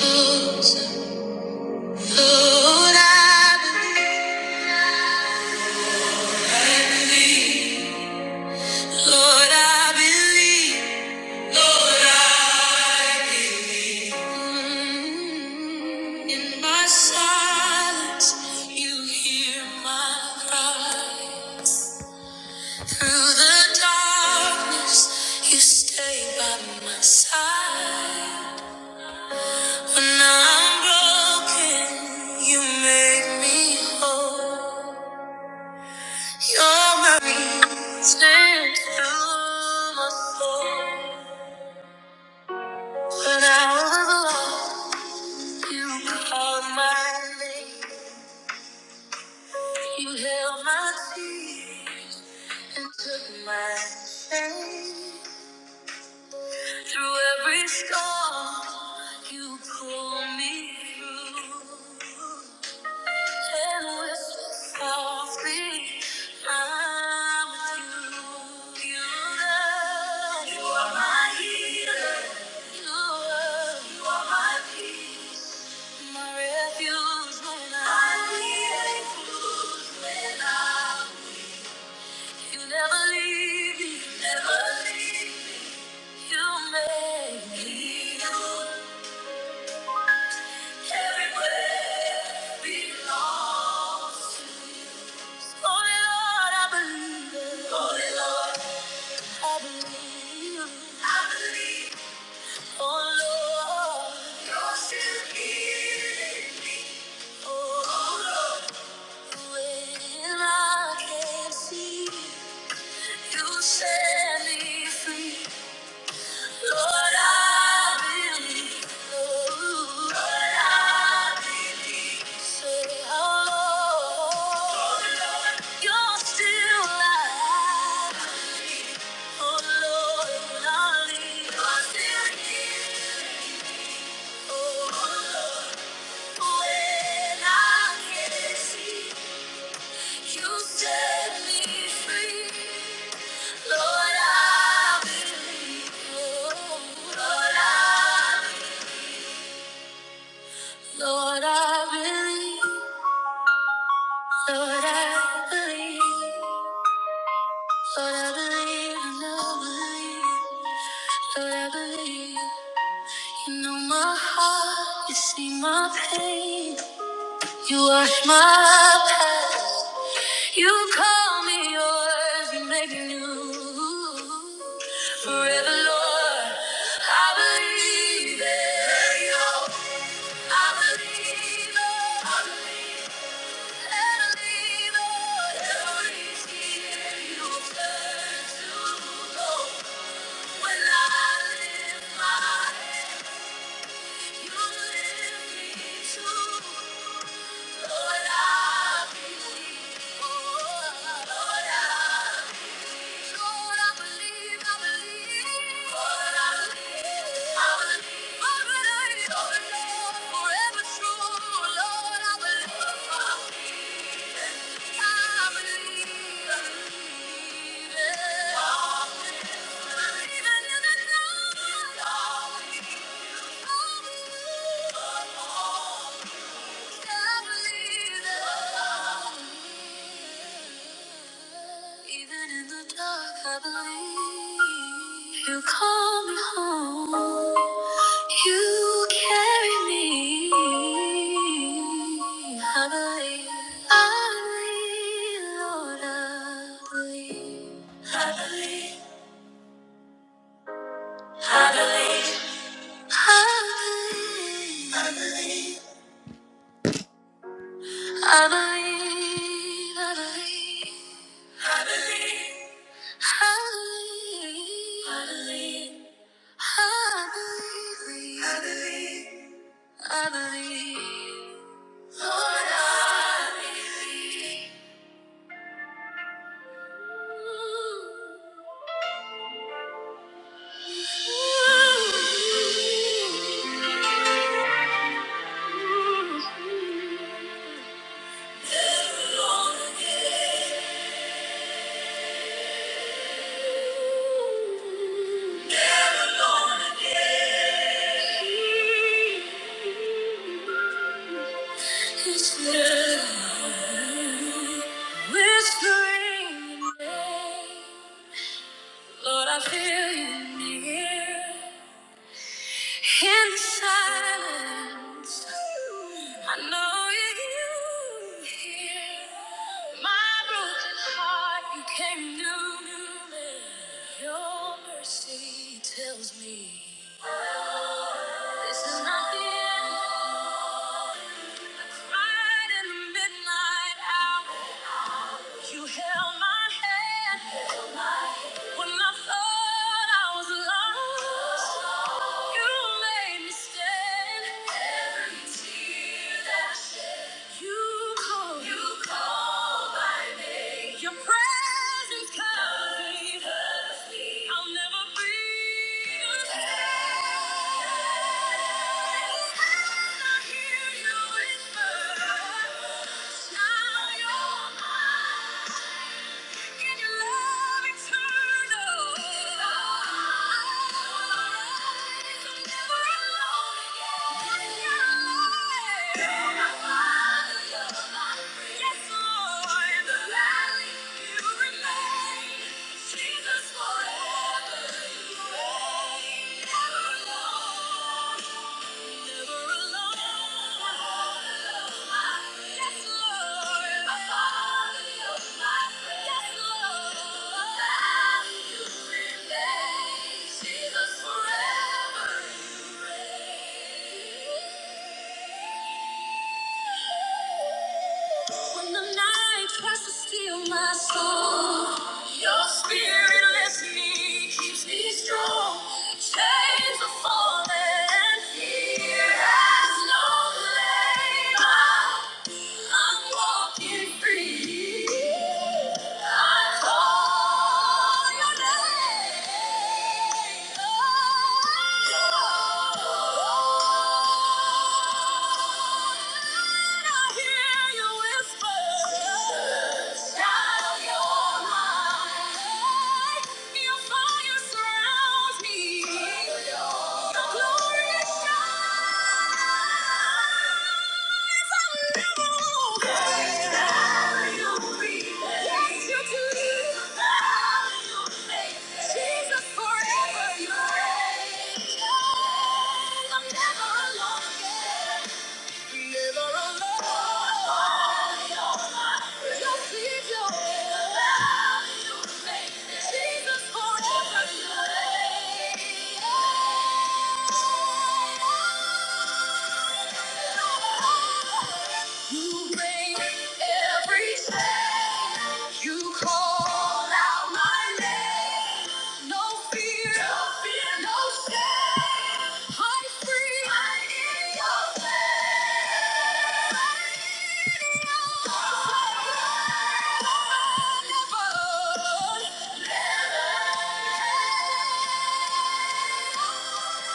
Lord, I believe. Lord, I believe. Lord, I believe. In my silence, you hear my cry. Through the darkness, you stay by my side. When I'm broken, you make me whole. Your are stands through my soul. When I was lost, you called my name. You held my tears and took my shame. Through every storm, you pulled me through. And we're so free. I'm with you. You love. You are my healer. You are. You are my peace. My refuge when I refuge when I. You never leave me. Never leave me. You make me new. Everywhere belongs. Oh Lord, I believe it. Oh Lord, I believe I believe. Oh Lord, you're still healing. Oh, oh Lord, when I can't see, you set me free. Lord, I believe. Oh, Lord, I believe. Say, oh oh you're still alive. Oh Lord, I lean. I'm still here. Oh Lord, when I can't see, you set me free. Lord, I believe. Oh, Lord, I believe. Lord, I believe. Lord, I believe. Lord, I believe. and I believe. Lord, I believe. You know my heart, you see my pain. You wash my past. You call me yours, you make me new. Forever, Lord, I believe it. Yo, I believe it. I believe it. I believe it. Every tear you turn to gold. When I lift my hands Forever true, Lord, I believe. Oh, even in the dark, I believe you call me home. You carry me. I believe, I believe, Lord, I believe. I believe, I believe, I believe. I believe. Adonai, Adonai, Adonai, Adonai, Adonai, Lord, Adonai. Never gonna get this whispering Lord, I feel you near. In the silence, I know you hear my broken heart. You came through. Your mercy tells me this is not the end. Right in the midnight hour, you held my hand. When I thought I was lost, you made me stand. Every tear that I shed, you called, you called my name. Your presence covers me. Covers me. I'll never be the same. And I hear you whisper, now you're mine in your love eternal. I'm never alone again. You're alive. Yes, Lord. In remain. Jesus, forever you reign. Never alone. Forever. When the night tries to steal my soul, your spirit lifts me, keeps me strong. Chains are falling, and fear has no label. I'm walking free. I call your name. Surrounds me, your glory shines. Forever you reign. Oh, I'm never alone. Never alone. Your people will. Jesus forever you reign. You reign every day. You call out my name. No fear, no fear, no shame. I'm free. I'm in your name. I'm in your name. Never, never.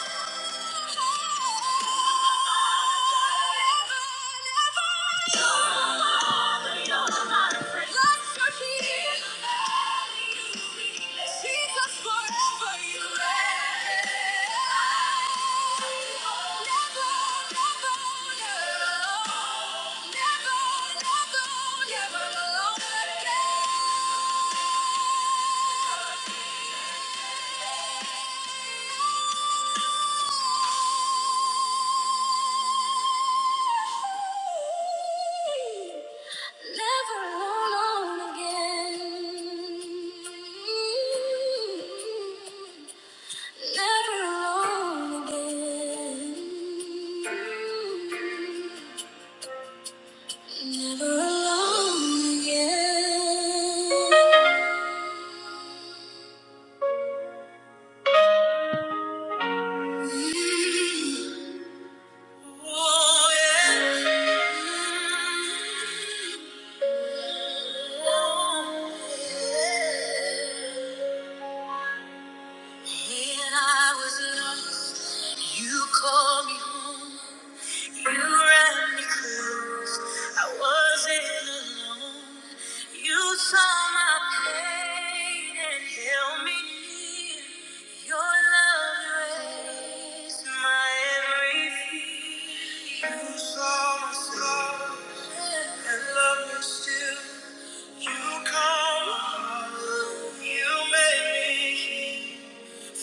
Thank you. Never alone again. Never alone again. Never alone again. Oh, yeah. Oh, yeah. When I was lost, you called me home. You ran me close. I wasn't alone. You saw my pain and held me near. Your love raised my every fear. You saw my scars and loved me still. You called my heart. You made me. heal.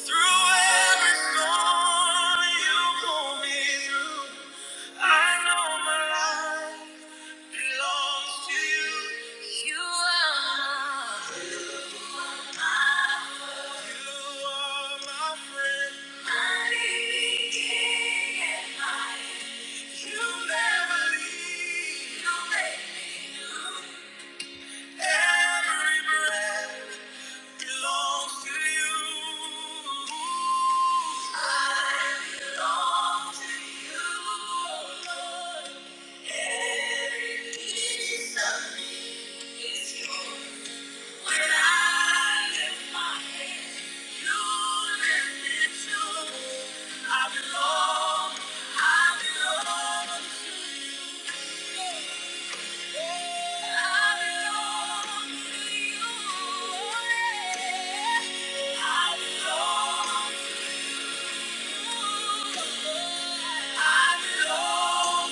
Through every storm you pull me through. I know my life belongs to you. You are my You are my friend. My living king and my You never leave. You make me new. Every breath. belongs to you. I belong to you, Every piece of me is yours. When I lift my hands, you lift it too. I belong, I belong to you. I belong.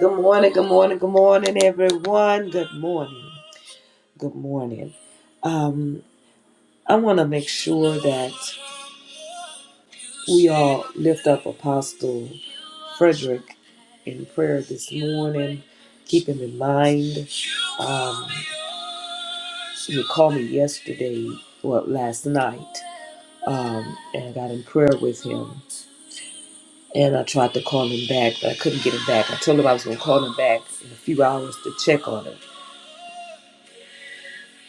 Good morning, good morning, good morning, everyone. Good morning, good morning. Um, I want to make sure that we all lift up Apostle. Frederick in prayer this morning. Keep him in mind. Um, he called me yesterday, well, last night, um, and I got in prayer with him. And I tried to call him back, but I couldn't get him back. I told him I was going to call him back in a few hours to check on him,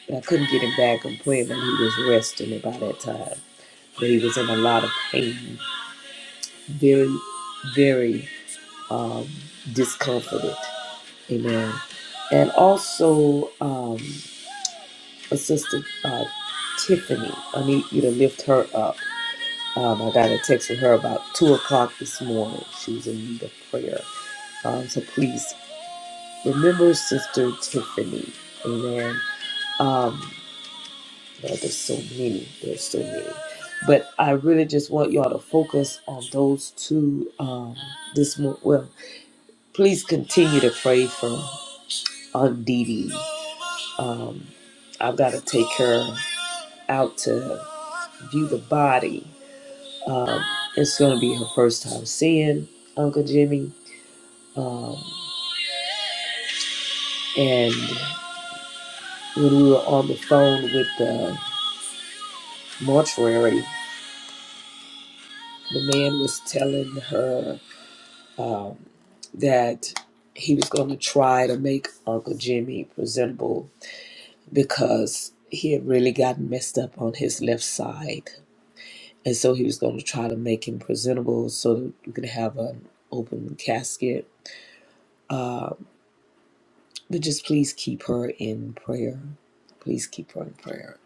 but I couldn't get him back. I'm praying that he was resting by that time, but he was in a lot of pain, very, very. um, discomforted. Amen. And also, um, Assistant uh, Tiffany, I need you to lift her up. Um, I got a text from her about 2 o'clock this morning. She was in need of prayer. Um, so please remember Sister Tiffany. Amen. Um, well, there's so many. There's so many. But I really just want y'all to focus on those two um, this morning. Well, please continue to pray for. on Dee Dee. Um, I've got to take her out to view the body. Um, it's going to be her first time seeing Uncle Jimmy. Um, and when we were on the phone with the mortuary, the man was telling her that he was going to try to make Uncle Jimmy presentable because he had really gotten messed up on his left side And so he was going to try to make him presentable so that we could have an open casket. But just please keep her in prayer. Please keep her in prayer.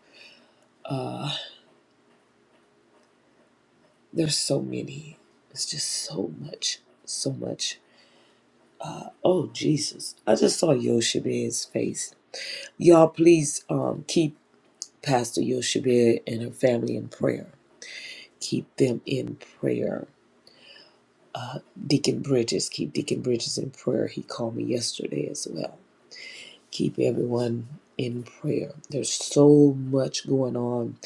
There's so many. It's just so much. So much. Oh, Jesus. I just saw Yoshabed's face. Y'all, please um, keep Pastor Yoshabed and her family in prayer. Keep them in prayer. Deacon Bridges, keep Deacon Bridges in prayer. He called me yesterday as well keep everyone in prayer. There's so much going on.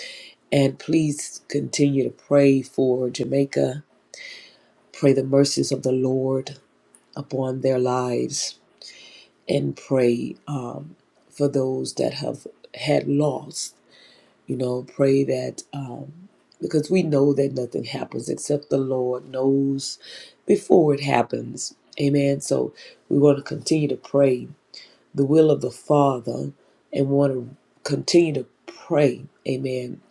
And please continue to pray for Jamaica. Pray the mercies of the Lord upon their lives and pray um, for those that have had loss. You know, pray that um, because we know that nothing happens except the Lord knows before it happens. Amen. So we want to continue to pray the will of the Father and want to continue to pray, amen,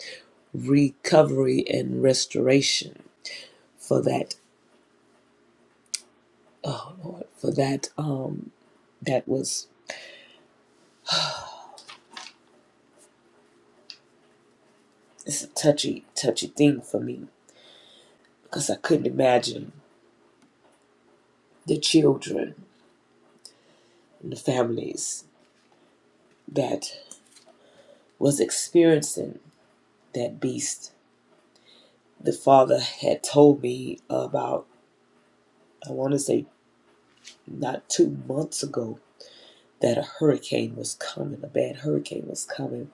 recovery and restoration for that, oh Lord, for that, um, that was, it's a touchy, touchy thing for me because I couldn't imagine the children and the families that was experiencing that beast. The Father had told me about, I want to say, not two months ago that a hurricane was coming, a bad hurricane was coming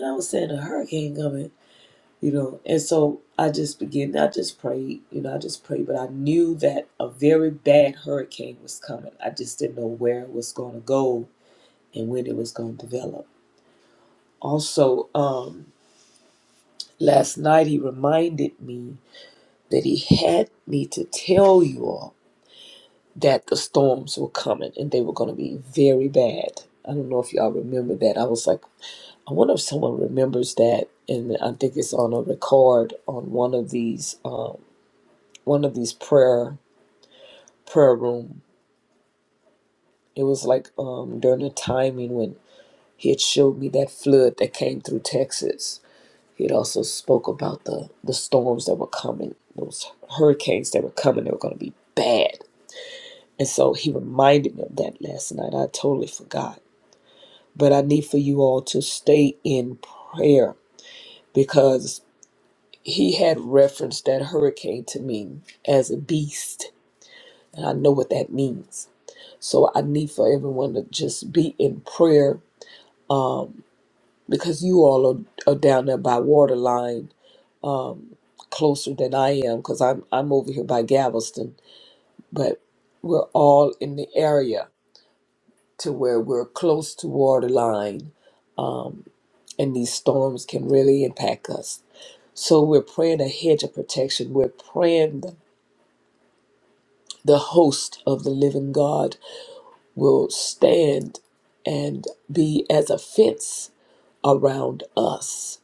And I was saying a hurricane coming, you know. And so I just began, I just prayed, you know, I just prayed, but I knew that a very bad hurricane was coming. I just didn't know where it was going to go and when it was going to develop. Also, um, last night he reminded me that he had me to tell you all that the storms were coming and they were going to be very bad. I don't know if y'all remember that. I was like, I wonder if someone remembers that, and I think it's on a record on one of these um, one of these prayer prayer room. It was like um, during the timing when he had showed me that flood that came through Texas. He had also spoke about the the storms that were coming, those hurricanes that were coming. They were going to be bad, and so he reminded me of that last night. I totally forgot, but I need for you all to stay in prayer because. he had referenced that hurricane to me as a beast, and I know what that means. So I need for everyone to just be in prayer um, because you all are, are down there by waterline um, closer than I am because I'm I'm over here by Galveston, but we're all in the area to where we're close to waterline, um, and these storms can really impact us. So we're praying a hedge of protection. We're praying the host of the living God will stand and be as a fence around us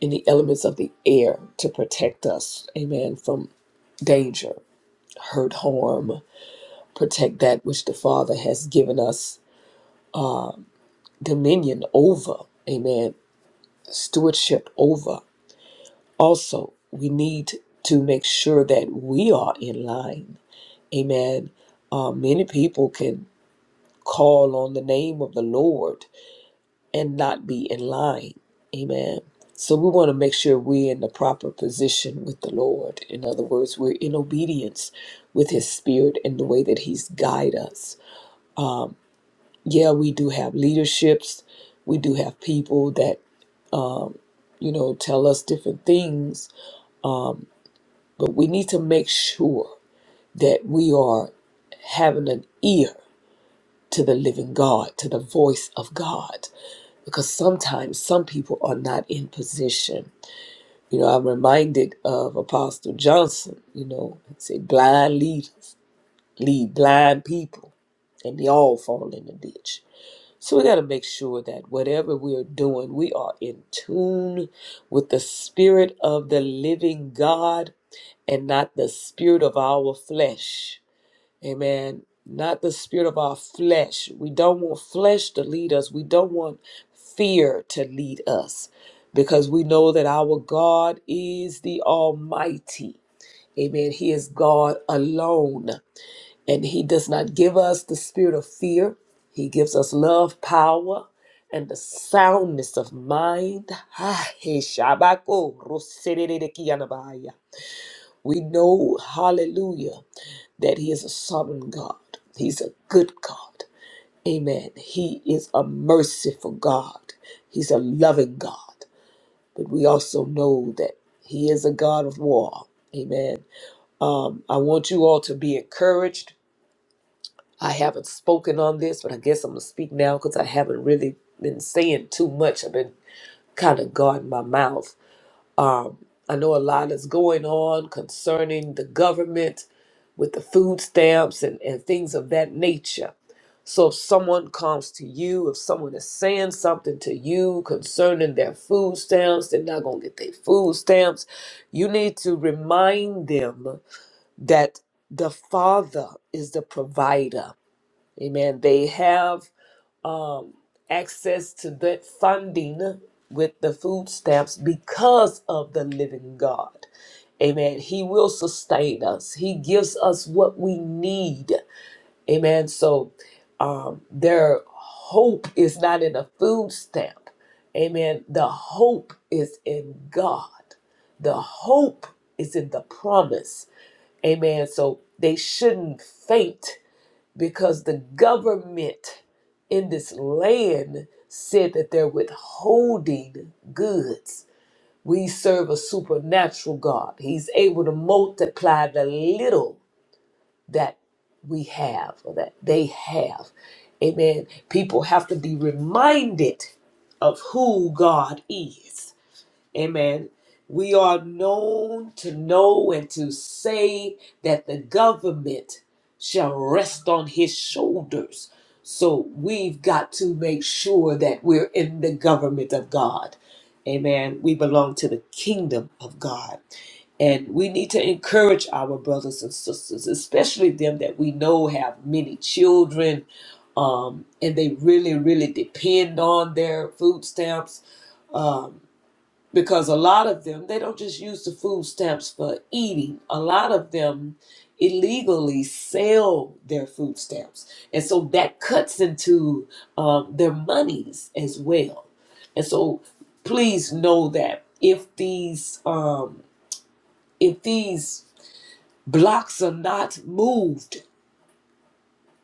in the elements of the air to protect us, amen, from danger, hurt, harm, protect that which the Father has given us dominion over, amen, stewardship over. Also, we need to make sure that we are in line, amen. Uh, many people can call on the name of the Lord and not be in line. Amen. So we want to make sure we're in the proper position with the Lord. In other words, we're in obedience with His Spirit in the way that He's guide us. Yeah, we do have leaderships. We do have people that you know tell us different things, but we need to make sure that we are having an ear to the living God, to the voice of God because sometimes some people are not in position. You know, I'm reminded of Apostle Johnson, you know, he said, blind leaders lead blind people, and they all fall in the ditch. So we got to make sure that whatever we are doing, we are in tune with the spirit of the living God and not the spirit of our flesh. Amen. Not the spirit of our flesh. We don't want flesh to lead us. We don't want fear to lead us because we know that our God is the Almighty. Amen. He is God alone. And He does not give us the spirit of fear, He gives us love, power, and the soundness of mind. Ah, he shabako, rosedede kianabaya. We know, hallelujah that He is a sovereign God. He's a good God. Amen. He is a merciful God. He's a loving God. But we also know that He is a God of war. Amen. Um, I want you all to be encouraged. I haven't spoken on this, but I guess I'm going to speak now because I haven't really been saying too much. I've been kind of guarding my mouth. Um, I know a lot is going on concerning the government with the food stamps and, and things of that nature. So if someone comes to you, if someone is saying something to you concerning their food stamps, they're not going to get their food stamps. You need to remind them that the Father is the provider. Amen. They have um, access to that funding with the food stamps because of the living God. Amen. He will sustain us. He gives us what we need. Amen. So um, their hope is not in a food stamp. Amen. The hope is in God. The hope is in the promise. Amen. So they shouldn't faint because the government in this land said that they're withholding goods. We serve a supernatural God. He's able to multiply the little that we have or that they have. Amen. People have to be reminded of who God is. Amen. We are known to know and to say that the government shall rest on his shoulders. So we've got to make sure that we're in the government of God. Amen. We belong to the kingdom of God. And we need to encourage our brothers and sisters, especially them that we know have many children um, and they really, really depend on their food stamps. Um, because a lot of them they don't just use the food stamps for eating a lot of them illegally sell their food stamps and so that cuts into um, their monies as well and so please know that if these um, if these blocks are not moved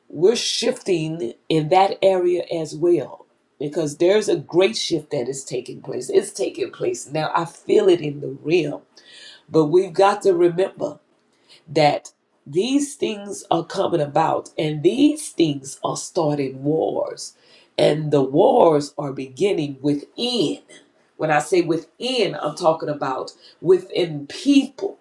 we're shifting in that area as well because there's a great shift that is taking place it's taking place now i feel it in the realm But we've got to remember that these things are coming about and these things are starting wars. And the wars are beginning within. When I say within, I'm talking about within people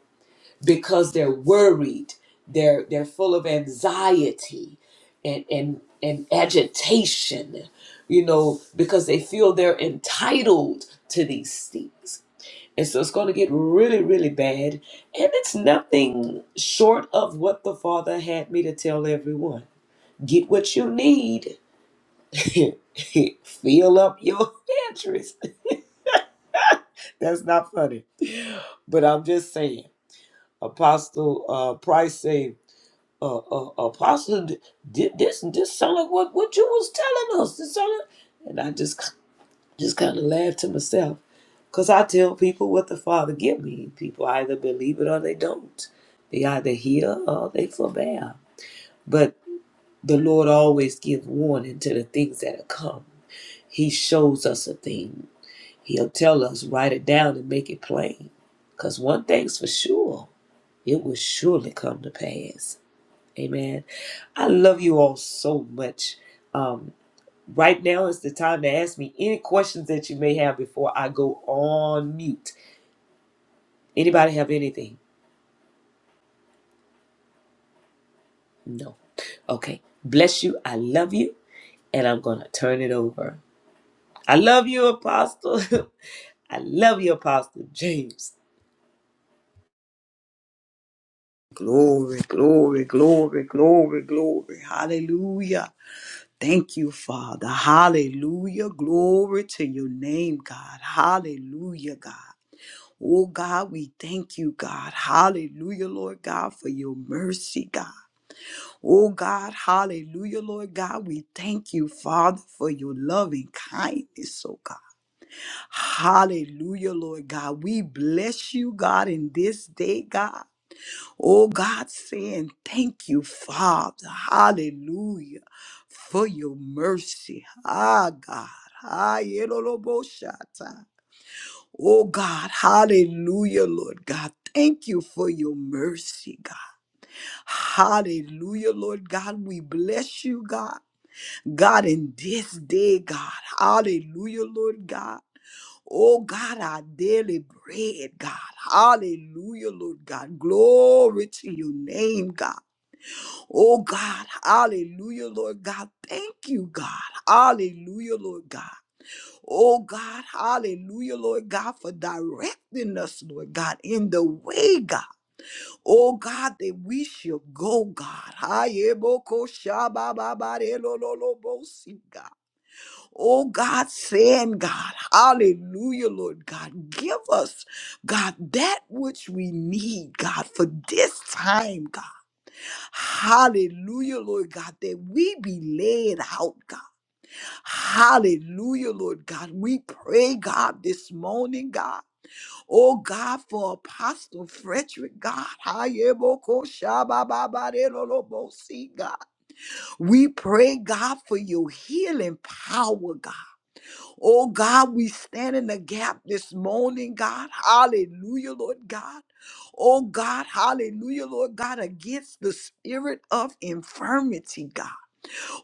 because they're worried, they're they're full of anxiety and and, and agitation, you know, because they feel they're entitled to these things and so it's going to get really, really bad. And it's nothing short of what the Father had me to tell everyone. Get what you need. Fill up your pantries. That's not funny. But I'm just saying, Apostle uh, Price say, uh, uh, Apostle, thi- this this sound like what, what you was telling us. This sound like, and I just just kind of laughed to myself Because I tell people what the Father give me. People either believe it or they don't. They either hear or they forbear. But the Lord always gives warning to the things that are come. He shows us a thing. He'll tell us, write it down and make it plain. Because one thing's for sure, it will surely come to pass. Amen. I love you all so much. Um, right now is the time to ask me any questions that you may have before I go on mute. Anybody have anything? No. Okay. Bless you. I love you. And I'm going to turn it over. I love you, Apostle. I love you, Apostle James. Glory, glory, glory, glory, glory. Hallelujah. Thank you, Father. Hallelujah. Glory to your name, God. Hallelujah, God. Oh, God, we thank you, God. Hallelujah, Lord God, for your mercy, God. Oh, God, hallelujah, Lord God. We thank you, Father, for your loving kindness, oh God. Hallelujah, Lord God. We bless you, God, in this day, God. Oh God, saying thank you, Father. Hallelujah. For your mercy. Ah, God. Ah, yeloloboshata. Oh God, hallelujah, Lord God. Thank you for your mercy, God. Hallelujah, Lord God. We bless you, God. God, in this day, God. Hallelujah, Lord God. Oh God, our daily bread, God. Hallelujah, Lord God. Glory to your name, God. Oh God, hallelujah, Lord God. Thank you, God. Hallelujah, Lord God. Oh God, hallelujah, Lord God, for directing us, Lord God, in the way, God. Oh God, that we shall go, God. Hayeboko shabababare lo lo lo bo si, God. Oh God, saying, God, hallelujah, Lord God, give us, God, that which we need, God, for this time, God. Hallelujah, Lord God, that we be led out, God. Hallelujah, Lord God. We pray, God, this morning, God. Oh, God, for Apostle Frederick, God. Hayebokoshabababarelolobosi, God. We pray, God, for your healing power, God. Oh God, we stand in the gap this morning, God. Hallelujah, Lord God. Oh God, hallelujah, Lord God, against the spirit of infirmity, God.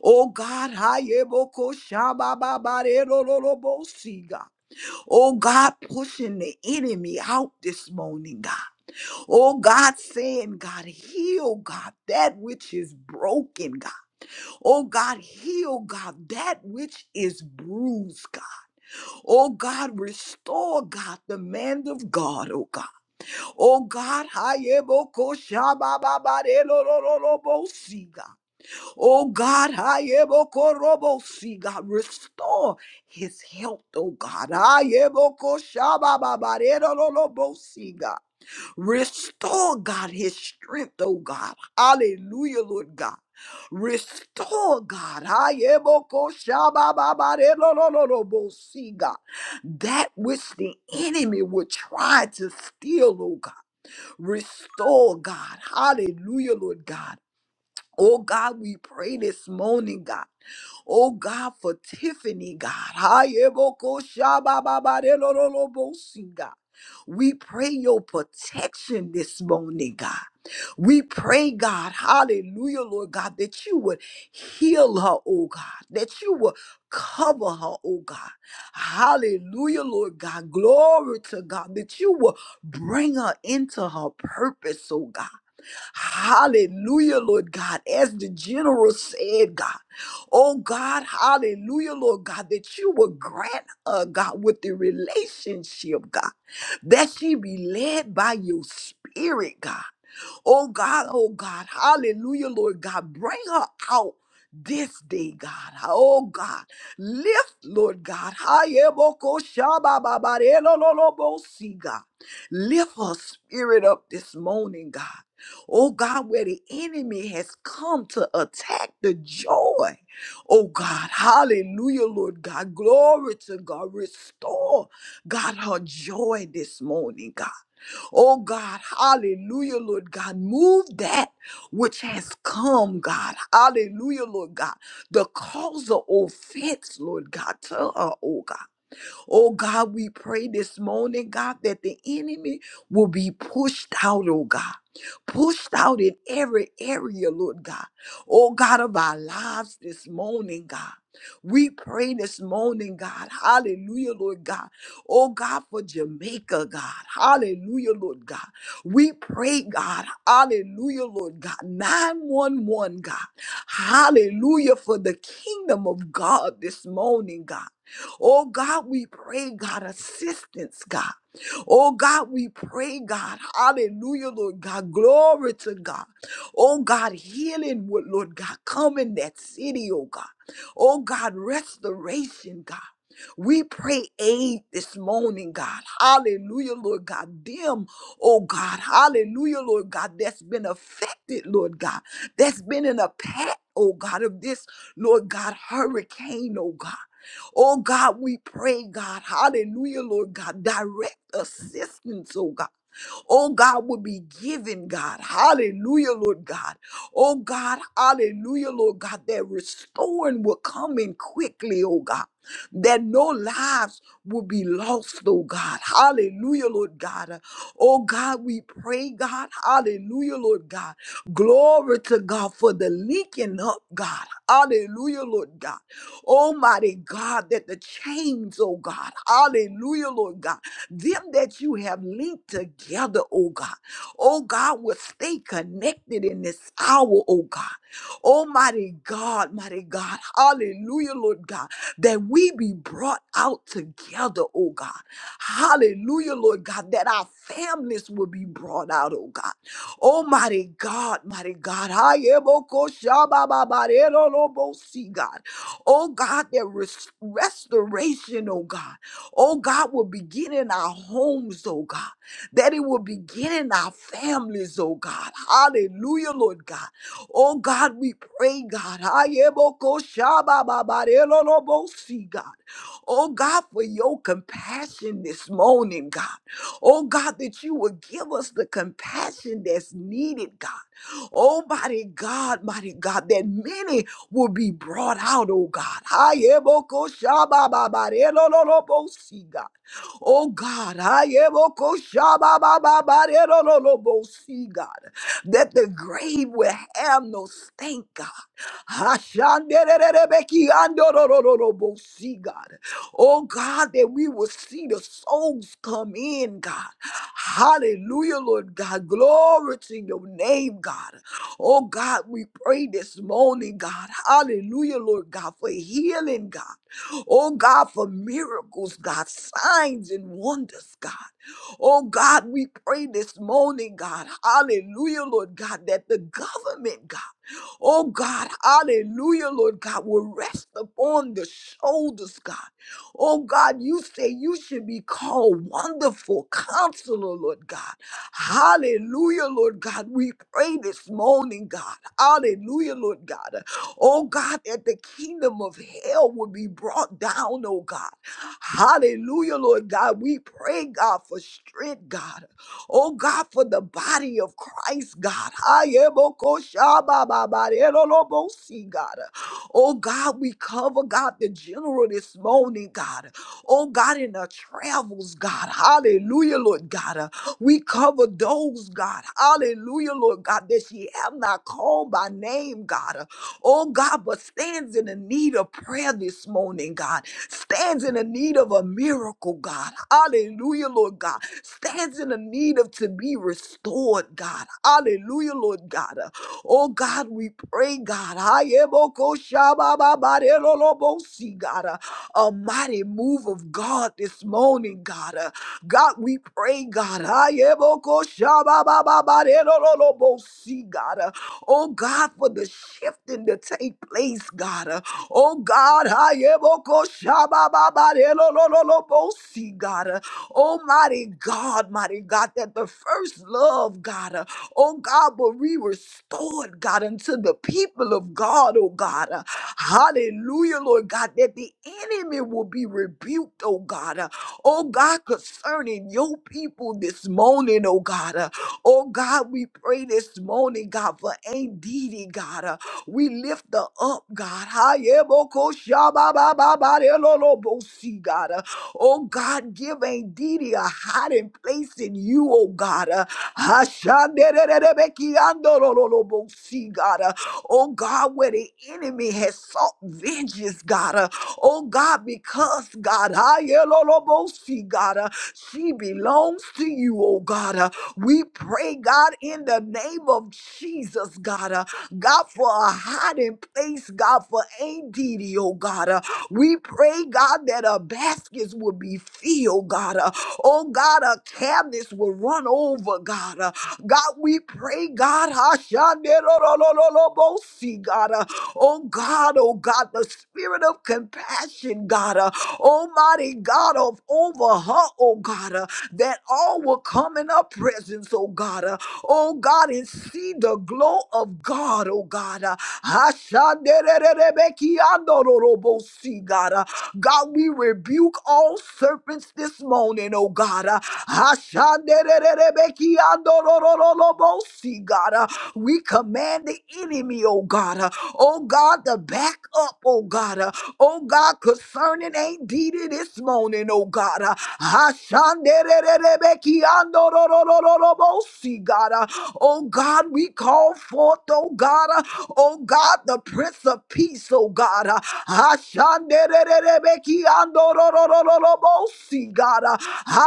Oh God, hayeboko shabababarerororobosi, God. Oh God, pushing the enemy out this morning, God. Oh God, saying, God, heal, God, that which is broken, God. Oh God, heal, God, that which is bruised, God. O God, restore God the man of God. O God, O God, I am O Koshaba Babarelo Lolo Bosiga. O God, I am O Koro Bosiga. Restore his health, O God. I am O Koshaba Babarelo Lolo Bosiga. Restore, God, his strength, oh God. Hallelujah, Lord God. Restore, God. Hayeboko shabababare lo lo lo lo bo si, God. That which the enemy would try to steal, oh God. Restore, God. Hallelujah, Lord God. Oh God, we pray this morning, God. Oh God, for Tiffany, God. Hayebokoshabababarelolobosi, God. We pray your protection this morning, God. We pray, God, hallelujah, Lord God, that you would heal her, oh God, that you would cover her, oh God. Hallelujah, Lord God. Glory to God, that you will bring her into her purpose, oh God. Hallelujah, Lord God. As the general said, God, oh God, hallelujah, Lord God, that you will grant her, God, with the relationship, God, that she be led by your spirit, God. Oh God, oh God, hallelujah, Lord God. Bring her out this day, God. Oh God, lift, Lord God. Hayeboko shabababarelololobosi, God. Lift her spirit up this morning, God. Oh God, where the enemy has come to attack the joy. Oh God, hallelujah, Lord God. Glory to God. Restore, God, her joy this morning, God. Oh God, hallelujah, Lord God. Move that which has come, God. Hallelujah, Lord God. The cause of offense, Lord God, to her, oh God. Oh God, we pray this morning, God, that the enemy will be pushed out, oh God. Pushed out in every area, Lord God. Oh God of our lives this morning, God. We pray this morning, God. Hallelujah, Lord God. Oh God, for Jamaica, God. Hallelujah, Lord God. We pray, God. Hallelujah, Lord God. 911, God. Hallelujah, for the kingdom of God this morning, God. Oh God, we pray, God, assistance, God. Oh God, we pray, God. Hallelujah, Lord God. Glory to God. Oh God, healing would, Lord God, come in that city, oh God. Oh God, restoration, God. We pray aid this morning, God. Hallelujah, Lord God. Them, oh God. Hallelujah, Lord God, that's been affected, Lord God. That's been in a path, oh God, of this, Lord God, hurricane, oh God. Oh God, we pray, God. Hallelujah, Lord God. Direct assistance, oh God oh God, would be given, God. Hallelujah, Lord God. Oh God, hallelujah, Lord God, that restoring will come in quickly, oh God. That no lives will be lost, oh God. Hallelujah, Lord God. Uh, Oh God, we pray, God. Hallelujah, Lord God. Glory to God for the linking up, God. Hallelujah, Lord God. Almighty God, that the chains, oh God. Hallelujah, Lord God them that you have linked together, oh God. Oh God, will stay connected in this hour, oh God. Almighty God, mighty God, hallelujah, Lord God, that we be brought out together, oh God. Hallelujah, Lord God, that our families will be brought out, oh God. Almighty God, mighty God, I oh God, shabba God. Oh God, that res- restoration, oh God oh God, will begin in our homes, oh God, that it will begin in our families, oh God. Hallelujah, Lord God. Oh God, we pray, God. Ayebokoshabababarelolobosi, God. Oh God, for your compassion this morning, God. Oh God, that you will give us the compassion that's needed, God. Oh mighty God, mighty God, that many Will be brought out, O God. I am O Kosha Baba Baba. I don't know no Bo See God. O God, I am O Kosha Baba Baba. I don't know no Bo See God. That the grave will have no sting, God. I shan't be beki under no no no no Bo See God. O God, that we will see the souls come in, God. Hallelujah, Lord God, glory to Your name, God. Oh God, we pray this morning, God. Hallelujah, Lord God, for healing, God. Oh God, for miracles, God, signs and wonders, God. Oh God, we pray this morning, God. Hallelujah, Lord God, that the government, God, oh God, hallelujah, Lord God, will rest upon the shoulders, God. Oh God, you say you should be called wonderful counselor, Lord God. Hallelujah, Lord God. We pray this morning, God. Hallelujah, Lord God. Oh God, that the kingdom of hell will be brought down, oh God. Hallelujah, Lord God. We pray, God, for strength, God. Oh God, for the body of Christ, God. Ayebokoshabababarelolobosi, God. Oh God, we cover, God, the general this morning, God. Oh God, in our travels, God. Hallelujah, Lord God. We cover those, God. Hallelujah, Lord God, that she have not called by name, God. Oh, God, but stands in the need of prayer this morning, God. Stands in the need of a miracle, God. Hallelujah, Lord God. Stands in the need of to be restored, God. Hallelujah, Lord God. Oh, God, we pray, God. Ayebokoshabababarelolobosi, God. A mighty move of God this morning, God. God, we pray, God. Ah, yeah, bo- ko- sha- ba ba ba, Ayebokoshababababarerorobosi, God. uh, Oh God, for the shifting to take place, God. uh, Oh God, Ah, yeah, bo- ko- sha- ba ba ba, ayebokoshabababarerorobosi, God. uh, Almighty God, mighty God, that the first love, God, uh, oh God, will be restored, God, unto the people of God, oh God. uh, Hallelujah, Lord God, that the enemy will be rebuked, oh God oh God, concerning your people this morning, oh God. Uh, oh God, we pray this morning, God, for Aunt Didi, God. Uh, we lift her up, God. Hayebokoshabababababelolobosi, God. Uh, Oh God, give Aunt Didi a hiding place in you, oh God. Uh, Hashandererebekiandololobosi, God. Uh, Oh God, where the enemy has sought vengeance, God. Uh, Oh God, because God, Ayelolobosi, God, uh, she belongs to you, oh God. uh, We pray, God, in the name of Jesus, God, uh, God, for a hiding place, God, for ADD, oh God. uh, We pray, God, that our baskets will be filled, God. uh, Oh God, our cabinets will run over, God. uh, God, we pray, God, Hashanderolololobosi, God. uh, Oh God, oh God, the spirit of compassion, God, uh, Almighty God, of over her, oh God, uh, that all will come in her presence, oh God, uh, oh God, and see the glow of God, oh God. uh, Ashandererebekiandororobosi, God. uh, God, we rebuke all serpents this morning, oh God. Uh, Ashanderererebekiandorororobosi, God, uh, we command the enemy, oh God, uh, oh God, to back up, oh God, uh, oh God, concerning Ain't Didi this morning, oh God. uh, Ashanderererebekiandorororobosi, God, God. Uh, Oh God, we call forth, oh God, uh, oh God, the Prince of Peace, oh God. Uh, Ashanderererebekiandororororobosi, God. Uh,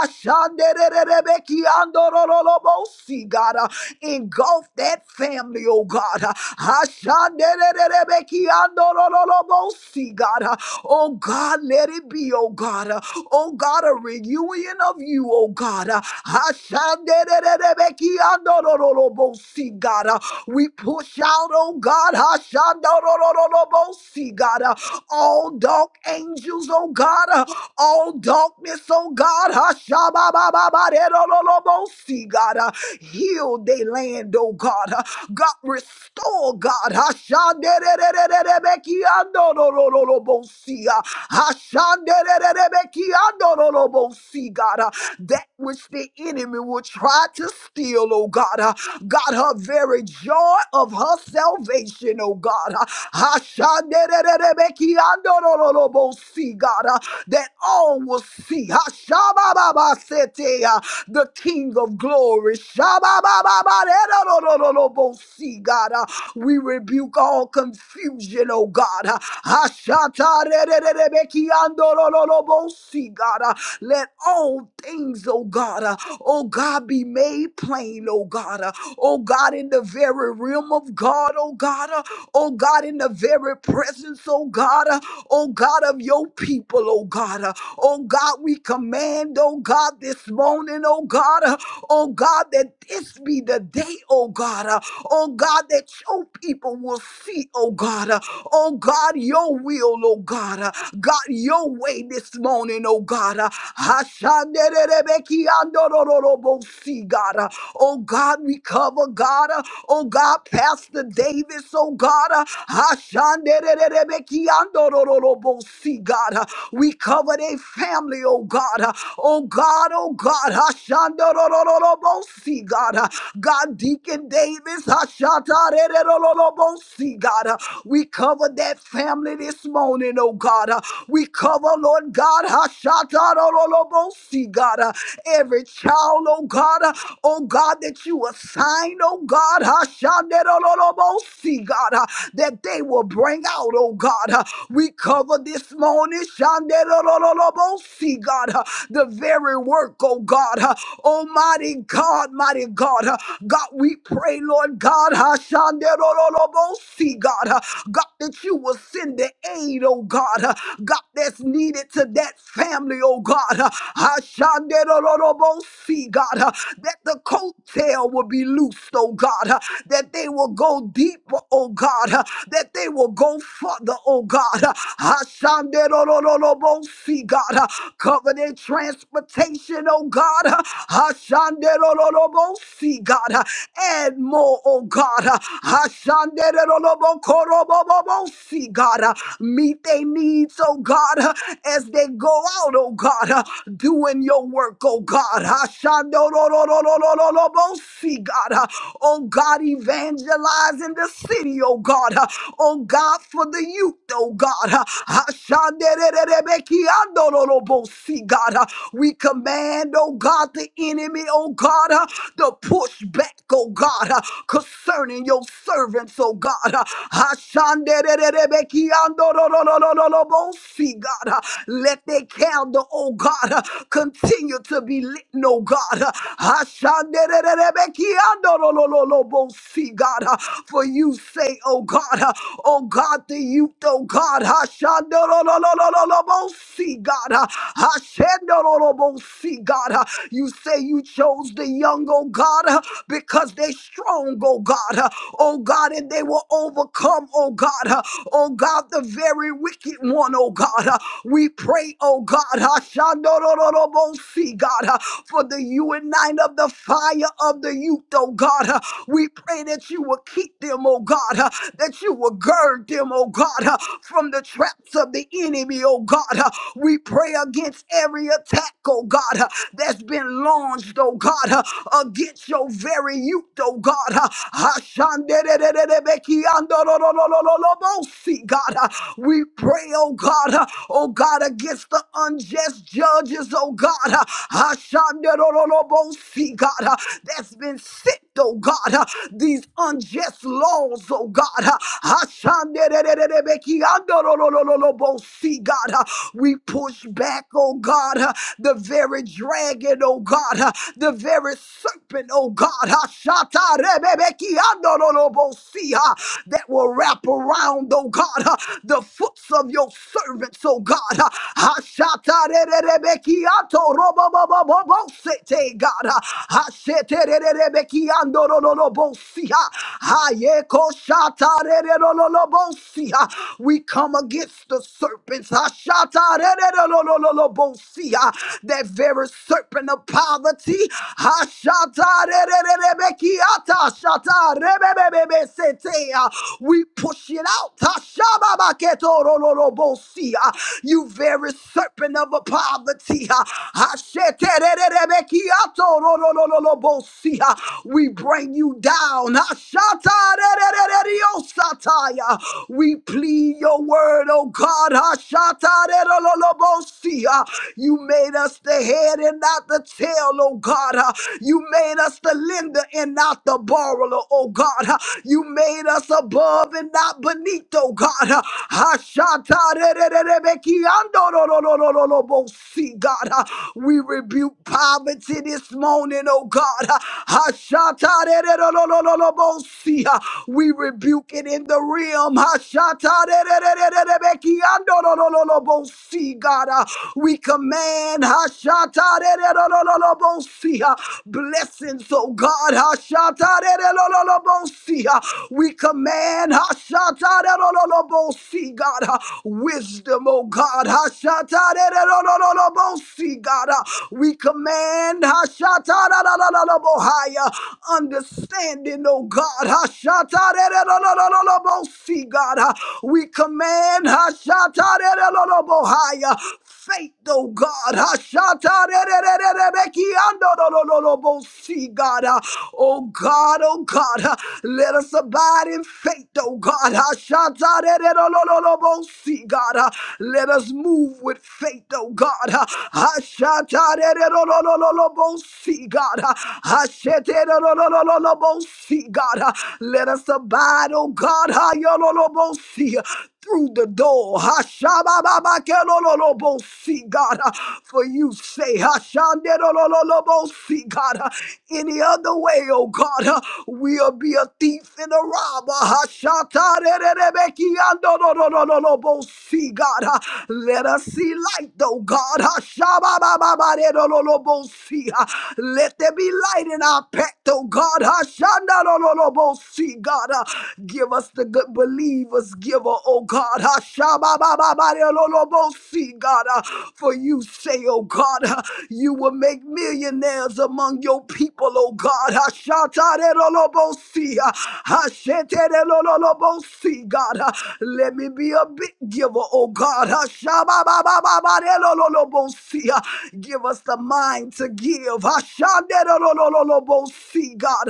Ashanderererebekiandororororobosi, God. Uh, Engulf that family, oh God. Uh, Ashanderererebekiandororororobosi, God. uh, Oh God, let it be, oh God. Uh, Oh God, a reunion of you, oh God. Uh, Ashanderererebekiandorororobosi, God. Uh, We push out, oh God, Ashandorororobosi, God. Uh, all dark angels, oh God all darkness, oh God. Hashababababaderololobosi, God, uh, heal they land, oh God. Uh, God, restore, God. Hashandererererebekiandorololobosi, uh, Hashandererererebekiandorololobosi, God, uh, that which the enemy will try to steal, oh God. Uh, God, her very joy of her salvation, oh God. Uh, see, God, uh, that all will see. Ha, shabba-ba-ba-sete, uh, The King of glory. See, God, uh, we rebuke all confusion, oh God. uh, ha, re re re re be ki ando lo God, uh, let all things, oh God, uh, oh God, be made plain, oh God, uh, oh God, in the very realm of God, oh God. uh, oh God, in the very presence, oh God, uh, oh God of your people, oh God, uh, oh God, we command, oh God, this morning, oh God, uh, oh God, that this be the day, oh God, uh, oh God, that your people will see, oh God, uh, oh God, your will, oh God, uh, God, your way this morning, oh God, uh, Hashanderebekiandorororobosi, God, uh, oh God, we cover, God. Oh God, Pastor Davis, oh God, uh, Ashanderererebekiandorororobosi, God, uh, we cover their family, oh God, uh, oh God, oh God, Ashandorororobosi, God, uh, God, Deacon Davis, Ashatarererororobosi, God, uh, we cover that family this morning, oh God, uh, we cover, Lord God, Hashatarororobosi, God, uh, every child, oh God, uh, oh God, that you assign, oh God, Hashanderololobosi, God, uh, that they will bring out, oh God. uh, We cover this morning, Shanderololobosi, God, uh, the very work, oh God, uh, Almighty God, mighty God, uh, God, we pray, Lord God, Hashanderololobosi, God, uh, God, that you will send the aid, oh God, uh, God, that's needed to that family, oh God. Ashanderororobosi, God, uh, that the coattail will be loosed, oh God, uh, that they will go deeper, oh God, uh, that they will go further, oh God. uh, Ashanderororobosi, God, uh, cover their transportation, oh God. uh, Ashanderororobosi, God, uh, and more, oh God. uh, Ashanderororobokorobobobosi, God, uh, meet their needs, oh God, uh, as they go out, oh God. God, uh, doing your work, oh God. Ashandororororororobosi, God, uh, oh God, evangelizing the city, oh God, uh, oh God, for the youth, oh God. uh, Ashanderererebekiandororobosi, God, uh, we command, oh God, the enemy, oh God, uh, to push back, oh God, uh, concerning your servants, oh God. uh, Ashanderererebekiandorororororobosi, God, uh, let the a candle, oh God, uh, continue to be lit, no God. uh, Ashanderererebekiandorololobosi, God, uh, for you say, oh God, uh, oh God, the youth, oh God, Ashanderolololobosi, God, uh, Ashanderololobosi, God, uh, you say you chose the young, oh God, uh, because they're strong, oh God, uh, oh God, and they will overcome, oh God, uh, oh God, the very wicked one, oh God. uh, we pray, oh God, Hashandorororobosi, God, uh, for the unite of the fire of the youth, oh God. uh, We pray that you will keep them, oh God, uh, that you will gird them, oh God, uh, from the traps of the enemy, oh God. uh, We pray against every attack, oh God, uh, that's been launched, oh God, uh, against your very youth, oh God. uh, Hashanderererebekiandororororobosi, God, uh, we pray, oh God, uh, oh God, against the unjust judges, oh God, uh, Ashandarororobosi, God, uh, that's been sent, oh God, uh, these unjust laws, oh God, uh, Ashandarererebekiandororororobosi, God, uh, we push back, oh God, uh, the very dragon, oh God, uh, the very serpent, oh God, Ashatarebebekiandorororobosi, uh, that will wrap around, oh God, uh, the fruits of your servants, oh God. Uh, Ashatarerebekiato robobobobobosete, God. Uh, Ashetererebekiandorolobosia. Hayekoshatarerololobosia. We come against the serpents. Ashatarerolololobosia. That very serpent of poverty. Ashatarerebekiata, ashatarerebebesete. We push it out. Ashababaketorololobosia. You very serpent of poverty. Asheterererebekiatorolololobosia. We bring you down. Ashatarererereriosataya. We plead your word, oh God. Ashatarerololobosia. You made us the head and not the tail, oh God. Uh, You made us the lender and not the borrower, oh God. Uh, You made us above and not not beneath, oh God. Uh, Ashatarererebekiandorororororobosi, God, Uh, we rebuke poverty this morning, oh God. Uh, Ashatarererorororobosi, uh, We rebuke it in the realm. Ashatarerererebekiandororororobosi, God, Uh, we command Ashatarererorororobosi, uh, blessings, oh God. Ashatarererororobosi, uh, We command. Amen. Hashatarerololobosi, God. uh, Wisdom, oh God. Hashatarerololobosi, God. uh, We command Hashatarerololobohaya, understanding, oh God. Hashatarerololobosi, God. uh, We command Hashatarerololobohaya, faith, oh God. Hashatarerololobekiandolololobosi, God. uh, Oh God, oh God, uh, let us us abide in faith, oh God. Ashatarererobosi, God. Uh, Let us move with faith, oh God. Uh, Ashatarererobosi, God. Uh, Ashetererobosi, God. Uh, Let us abide, oh God. Ayololobosi through the door. Hashabababakelololobosi, God, uh, for you say, Hashandelolololobosi, God, uh, any other way, oh God, uh, we'll be a thief and a robber. Hashatarerebekiandolololobosi, God, uh, let us see light, though, God. Hashababababadelololobosi, uh, Let there be light in our path, oh God. Hashandelololobosi, see God. Uh, give us the good believers, giver, oh God. Uh, see God. Uh, for you say, oh God, uh, you will make millionaires among your people, oh God. Uh, see uh, see. God. Uh, Let me be a big giver, oh God. Uh, Shababababadelololobosi, uh, Give us the mind to give. Ashanderolololobo, See, God.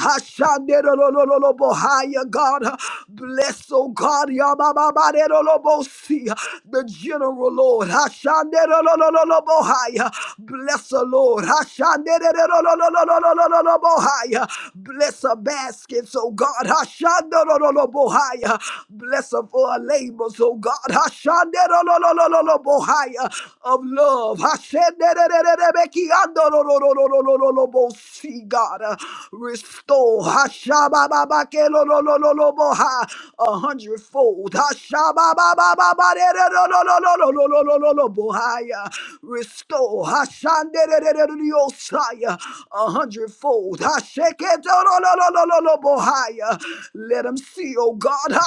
Ashanderolololobo, Higher, God. Bless, oh God. Yabababarololobo, See, The general, Lord. Ashanderolololobo, Higher. Bless the Lord. Ashanderolololobo, Higher. Bless the baskets, oh God. Ashanderololobo, Higher. Bless her for her labors, oh God. Ashanderolololobo, level higher of love. Hashenderererebekiandorororororororobo. See, God, uh, restore Hashabababakelolololoboha, a hundredfold. Hashababababadererorororororororobohaya. Restore Hashandererereroriosaya, a hundredfold. Hasheketororororororobohaya. Let him see, oh God.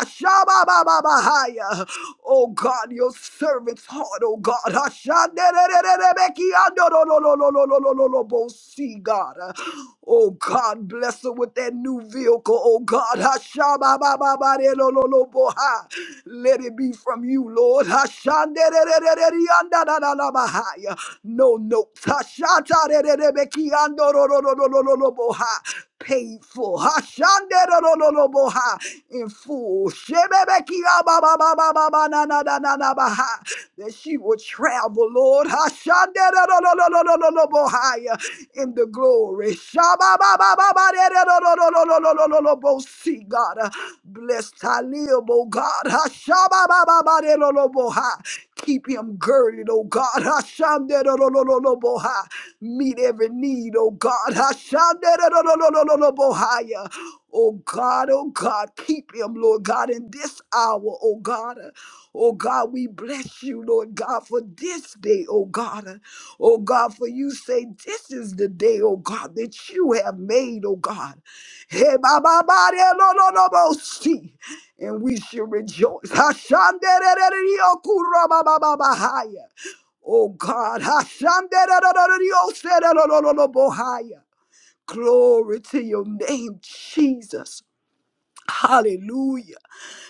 Rababababahaya. Oh God, your servant's heart, oh God. Hashanderererebekiandorolololololololobo. See, God. Oh God, bless her with that new vehicle, oh God. Hashababababarelololoboha. Let it be from you, Lord. Hashanderererereandadadadabahaya. No notes. Hashantarererebekiandorolololololoboha. Payful, Hashanah, lo lo lo lo lo lo lohah, in full. She be beki, ba ba ba ba ba ba na na na na na ba. That she would travel, Lord Hashanah, lo lo lo lo lo lo lohah, in the glory. Sha ba ba ba ba ba lo lo lo lo lo lo lohah. See God, bless Talib, oh God. Hashanah, lo lo lo lo lo lo lohah. Keep him girded, oh God. Hashanah, lo lo lo lo lo lo lohah. Meet every need, oh God. Hashanah. Oh God, oh God, keep him, Lord God, in this hour, oh God. Oh God, we bless you, Lord God, for this day, oh God. Oh God, for you say this is the day, oh God, that you have made, oh God. Hey, ba, ba, ba, de, lo, lo, lo, bo, si. And we should rejoice. Hashanderereriokurabababahaya. Oh God, Hashandererorororioserorororobohaya. glory to your name, Jesus. Hallelujah.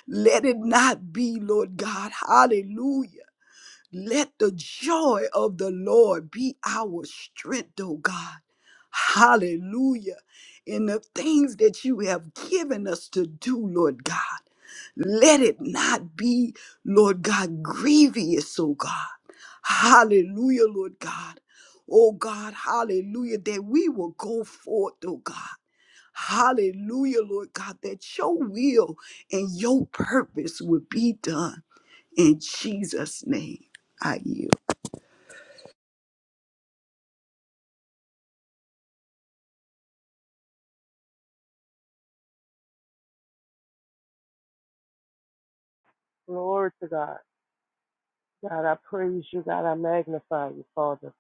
Let it not be, Lord God. Hallelujah. Let the joy of the Lord be our strength, oh God. Hallelujah. In the things that you have given us to do, Lord God, let it not be, Lord God, grievous, oh God. Hallelujah, Lord God. Oh God, hallelujah, that we will go forth, oh God. Hallelujah, Lord God, that your will and your purpose would be done. In Jesus' name, I yield. Glory to God. God, I praise you. God, I magnify you, Father.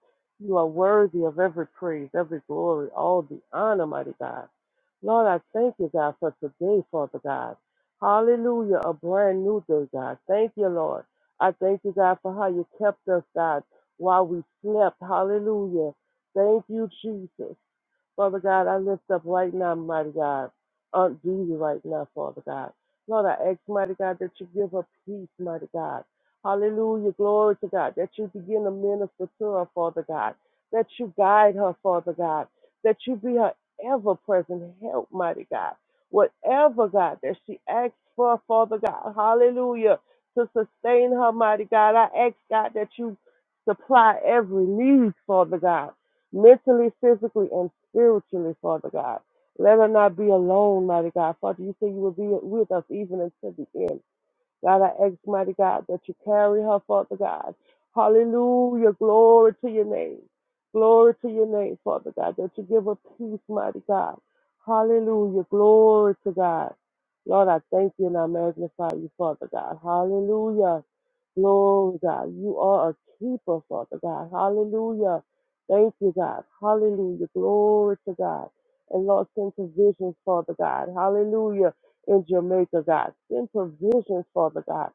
You are worthy of every praise, every glory, all the honor, mighty God. Lord, I thank you, God, for today, Father God. Hallelujah, a brand new day, God. Thank you, Lord. I thank you, God, for how you kept us, God, while we slept. Hallelujah. Thank you, Jesus. Father God, I lift up right now, mighty God, Aunt Judy right now, Father God. Lord, I ask, mighty God, that you give her peace, mighty God. Hallelujah, glory to God, that you begin to minister to her, Father God, that you guide her, Father God, that you be her ever present help, mighty God. Whatever, God, that she asks for, Father God, hallelujah, to sustain her, mighty God. I ask, God, that you supply every need, Father God mentally, physically, and spiritually, Father God. Let her not be alone, mighty God. Father, you say you will be with us even until the end. God, I ask, mighty God, that you carry her, Father God. Hallelujah. Glory to your name. Glory to your name, Father God, that you give her peace, mighty God. Hallelujah. Glory to God. Lord, I thank you and I magnify you, Father God. Hallelujah. Glory, God. You are a keeper, Father God. Hallelujah. Thank you, God. Hallelujah. Glory to God. And Lord, send provisions, Father God. Hallelujah in Jamaica, God. Send provisions, Father God.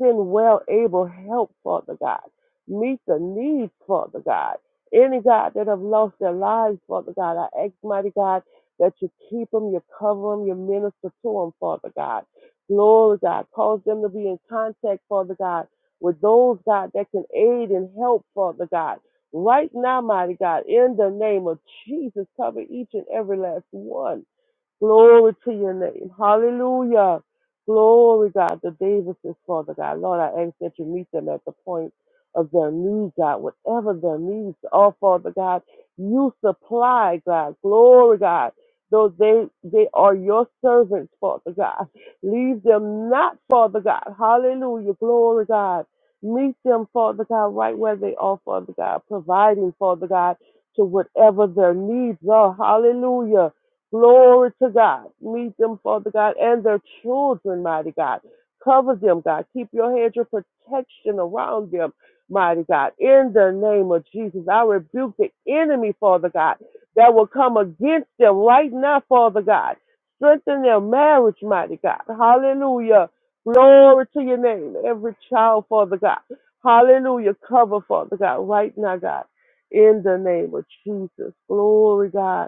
Send well able help, Father God. Meet the needs, Father God. Any God that have lost their lives, Father God, I ask, mighty God, that you keep them, you cover them, you minister to them, Father God. Glory, God. Cause them to be in contact, Father God, with those, God, that can aid and help, Father God. Right now, mighty God, in the name of Jesus, cover each and every last one. Glory to your name. Hallelujah. Glory, God, the Davises, Father God. Lord, I ask that you meet them at the point of their need, God, whatever their needs are, Father God. You supply, God. Glory, God. Though they they are your servants, Father God. Leave them not, Father God. Hallelujah. Glory, God. Meet them, Father God, right where they are, Father God, providing, Father God, to whatever their needs are. Hallelujah. Glory to God. Meet them, Father God, and their children, mighty God. Cover them, God. Keep your hedge of protection around them, mighty God. In the name of Jesus, I rebuke the enemy, Father God, that will come against them right now, Father God. Strengthen their marriage, mighty God. Hallelujah. Glory to your name. Every child, Father God. Hallelujah. Cover, Father God, right now, God. In the name of Jesus. Glory, God.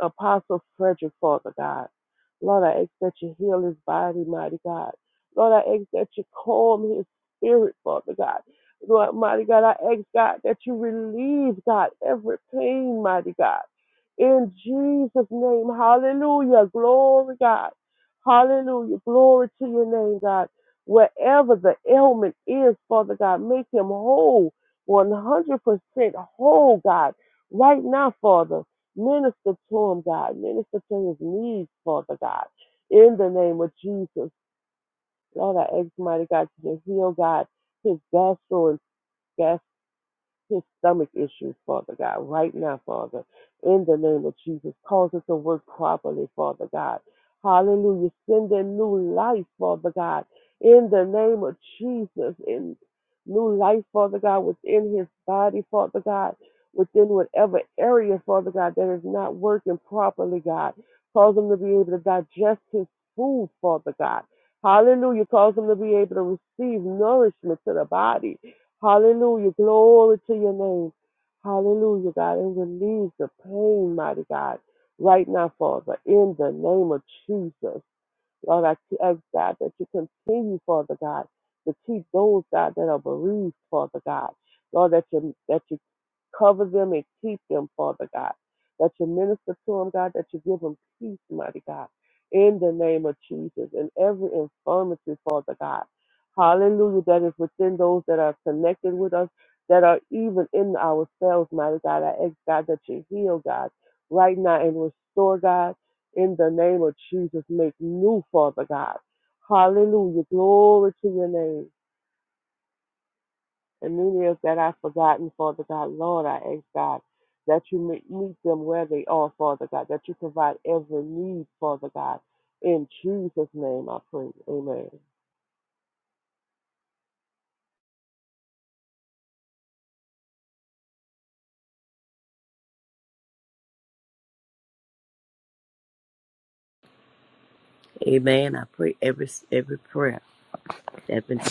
Apostle Frederick, Father God. Lord, I ask that you heal his body, mighty God. Lord, I ask that you calm his spirit, Father God. Lord, mighty God, I ask, God, that you relieve, God, every pain, mighty God. In Jesus' name, hallelujah, glory, God. Hallelujah, glory to your name, God. Wherever the ailment is, Father God, make him whole, 100% whole, God, right now, Father. Minister to him, God. Minister to his needs, Father God. In the name of Jesus. God, I ask, mighty God, you to heal, God, his gastrointestinal his stomach issues, Father God, right now, Father, in the name of Jesus. Cause it to work properly, Father God. Hallelujah. Send in new life, Father God, in the name of Jesus. In new life, Father God, within his body, Father God, within whatever area, Father God, that is not working properly, God. Cause him to be able to digest his food, Father God. Hallelujah. Cause him to be able to receive nourishment to the body Hallelujah. Glory to your name. Hallelujah, God. And relieve the pain, mighty God, right now, Father, in the name of Jesus. Lord, I ask, God, that you continue, Father God, to keep those, God, that are bereaved, Father God. Lord, that you, that you Cover them and keep them, Father God. That you minister to them, God, that you give them peace, mighty God, in the name of Jesus. And every infirmity, Father God. Hallelujah, that is within those that are connected with us, that are even in ourselves, mighty God. I ask, God, that you heal, God, right now and restore, God, in the name of Jesus. Make new, Father God. Hallelujah. Glory to your name. And many is that I've forgotten, Father God. Lord, I ask God that you meet meet them where they are, Father God, that you provide every need, Father God. In Jesus' name I pray. Amen. Amen. I pray every every prayer that's been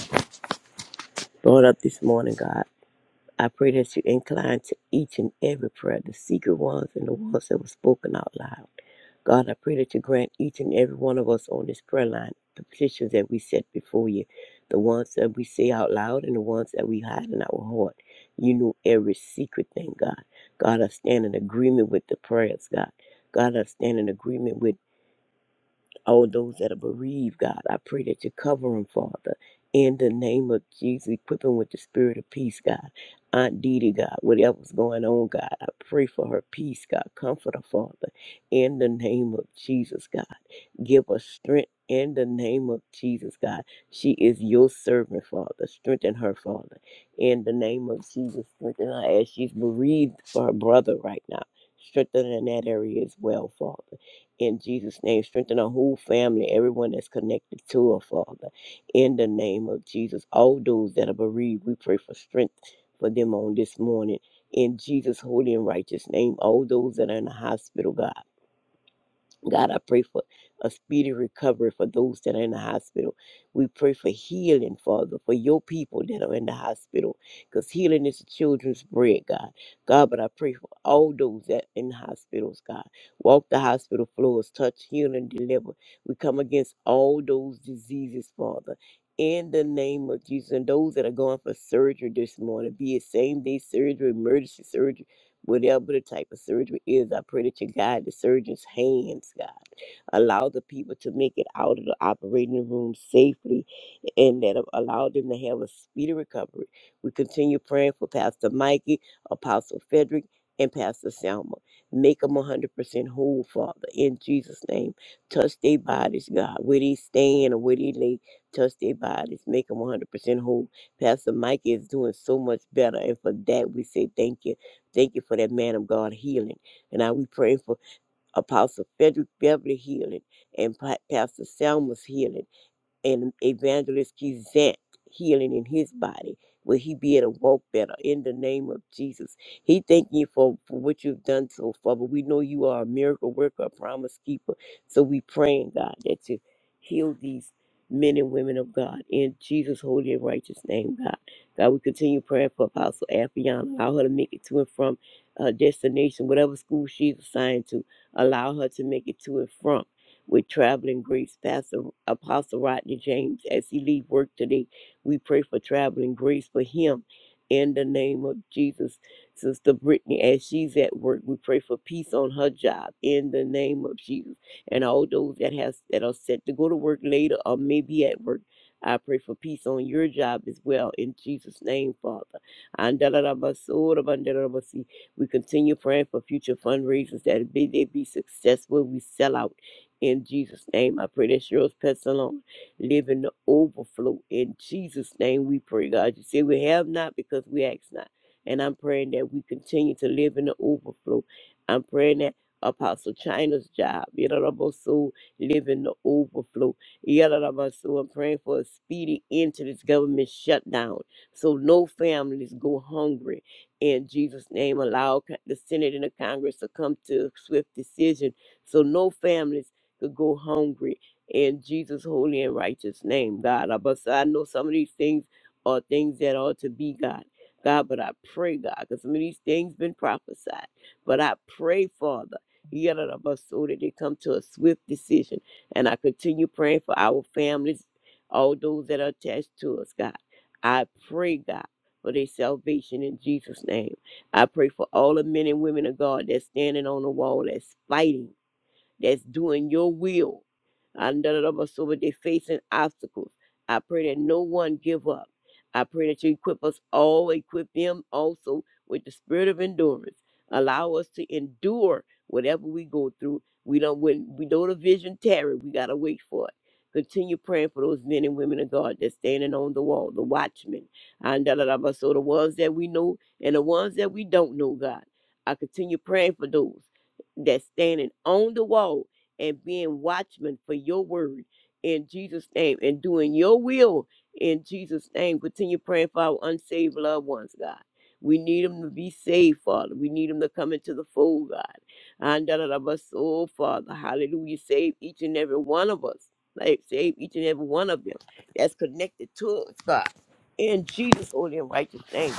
brought up this morning, God. I pray that you incline to each and every prayer, the secret ones and the ones that were spoken out loud. God, I pray that you grant each and every one of us on this prayer line the petitions that we set before you, the ones that we say out loud and the ones that we hide in our heart. You know every secret thing, God. God, I stand in agreement with the prayers, God. God, I stand in agreement with all those that are bereaved, God. I pray that you cover them, Father. In the name of Jesus, equip them with the spirit of peace, God. Aunt Didi, God, whatever's going on, God, I pray for her peace, God. Comfort her, Father. In the name of Jesus, God. Give her strength in the name of Jesus, God. She is your servant, Father. Strengthen her, Father. In the name of Jesus, strengthen her as she's bereaved for her brother right now. Strengthen her in that area as well, Father in Jesus' name, strengthen our whole family, everyone that's connected to her, Father. In the name of Jesus, all those that are bereaved, we pray for strength for them on this morning. In Jesus' holy and righteous name, all those that are in the hospital, God. God, I pray for a speedy recovery for those that are in the hospital. We pray for healing, Father, for your people that are in the hospital, because healing is the children's bread, God. God, but I pray for all those that in hospitals, God. Walk the hospital floors, touch, heal, and deliver. We come against all those diseases, Father. In the name of Jesus, and those that are going for surgery this morning, be it same day surgery, emergency surgery Whatever the type of surgery is, I pray that you guide the surgeon's hands, God. Allow the people to make it out of the operating room safely and that uh, allow them to have a speedy recovery. We continue praying for Pastor Mikey, Apostle Frederick, and Pastor Selma. Make them 100% whole, Father, in Jesus' name. Touch their bodies, God, where they stand or where they lay. Touch their bodies. Make them 100% whole. Pastor Mikey is doing so much better, and for that we say thank you. Thank you for that man of God healing. And now we pray for Apostle Frederick Beverly healing and Pa- Pastor Selma's healing and Evangelist Kizette healing in his body. Will he be able to walk better in the name of Jesus? He thank you for, for what you've done so far, but we know you are a miracle worker, a promise keeper. So we praying, God, that you heal these men and women of God in Jesus' holy and righteous name, God. God, we continue praying for Apostle Afiana, Allow her to make it to and from her destination, whatever school she's assigned to. Allow her to make it to and from with traveling grace, Pastor Apostle Rodney James, as he leave work today. We pray for traveling grace for him in the name of Jesus. Sister Brittany, as she's at work, we pray for peace on her job in the name of Jesus. And all those that has that are set to go to work later or maybe at work, I pray for peace on your job as well in Jesus' name, Father. Andalarabasorabandalabasi. We continue praying for future fundraisers that they, they be successful. We sell out in Jesus' name, I pray that Cheryl's pets alone live in the overflow. In Jesus' name, we pray, God. You say we have not because we ask not. And I'm praying that we continue to live in the overflow. I'm praying that Apostle China's job, Yadarabosu, live in the overflow. Yadarabosu, I'm praying for a speedy end to this government shutdown so no families go hungry. In Jesus' name, allow the Senate and the Congress to come to a swift decision so no families to go hungry in Jesus' holy and righteous name, God. Uh, But so I know some of these things are things that ought to be, God. God, but I pray, God, because some of these things been prophesied. But I pray, Father, yeah, that of us so that they come to a swift decision. And I continue praying for our families, all those that are attached to us, God. I pray, God, for their salvation in Jesus' name. I pray for all the men and women of God that's standing on the wall, that's fighting that's doing your will. And da da da of us over there facing obstacles. I pray that no one give up. I pray that you equip us all, equip them also with the spirit of endurance. Allow us to endure whatever we go through. We don't when we know the vision tarry, we gotta wait for it. Continue praying for those men and women of God that's standing on the wall, the watchmen. And da- da- da- da. so the ones that we know and the ones that we don't know, God. I continue praying for those that's standing on the wall and being watchmen for your word in Jesus' name and doing your will in Jesus' name. Continue praying for our unsaved loved ones, God. We need them to be saved, Father. We need them to come into the fold, God. And da da da but so, Father, hallelujah. Save each and every one of us. Like, save each and every one of them that's connected to us, God. In Jesus' holy and righteous name.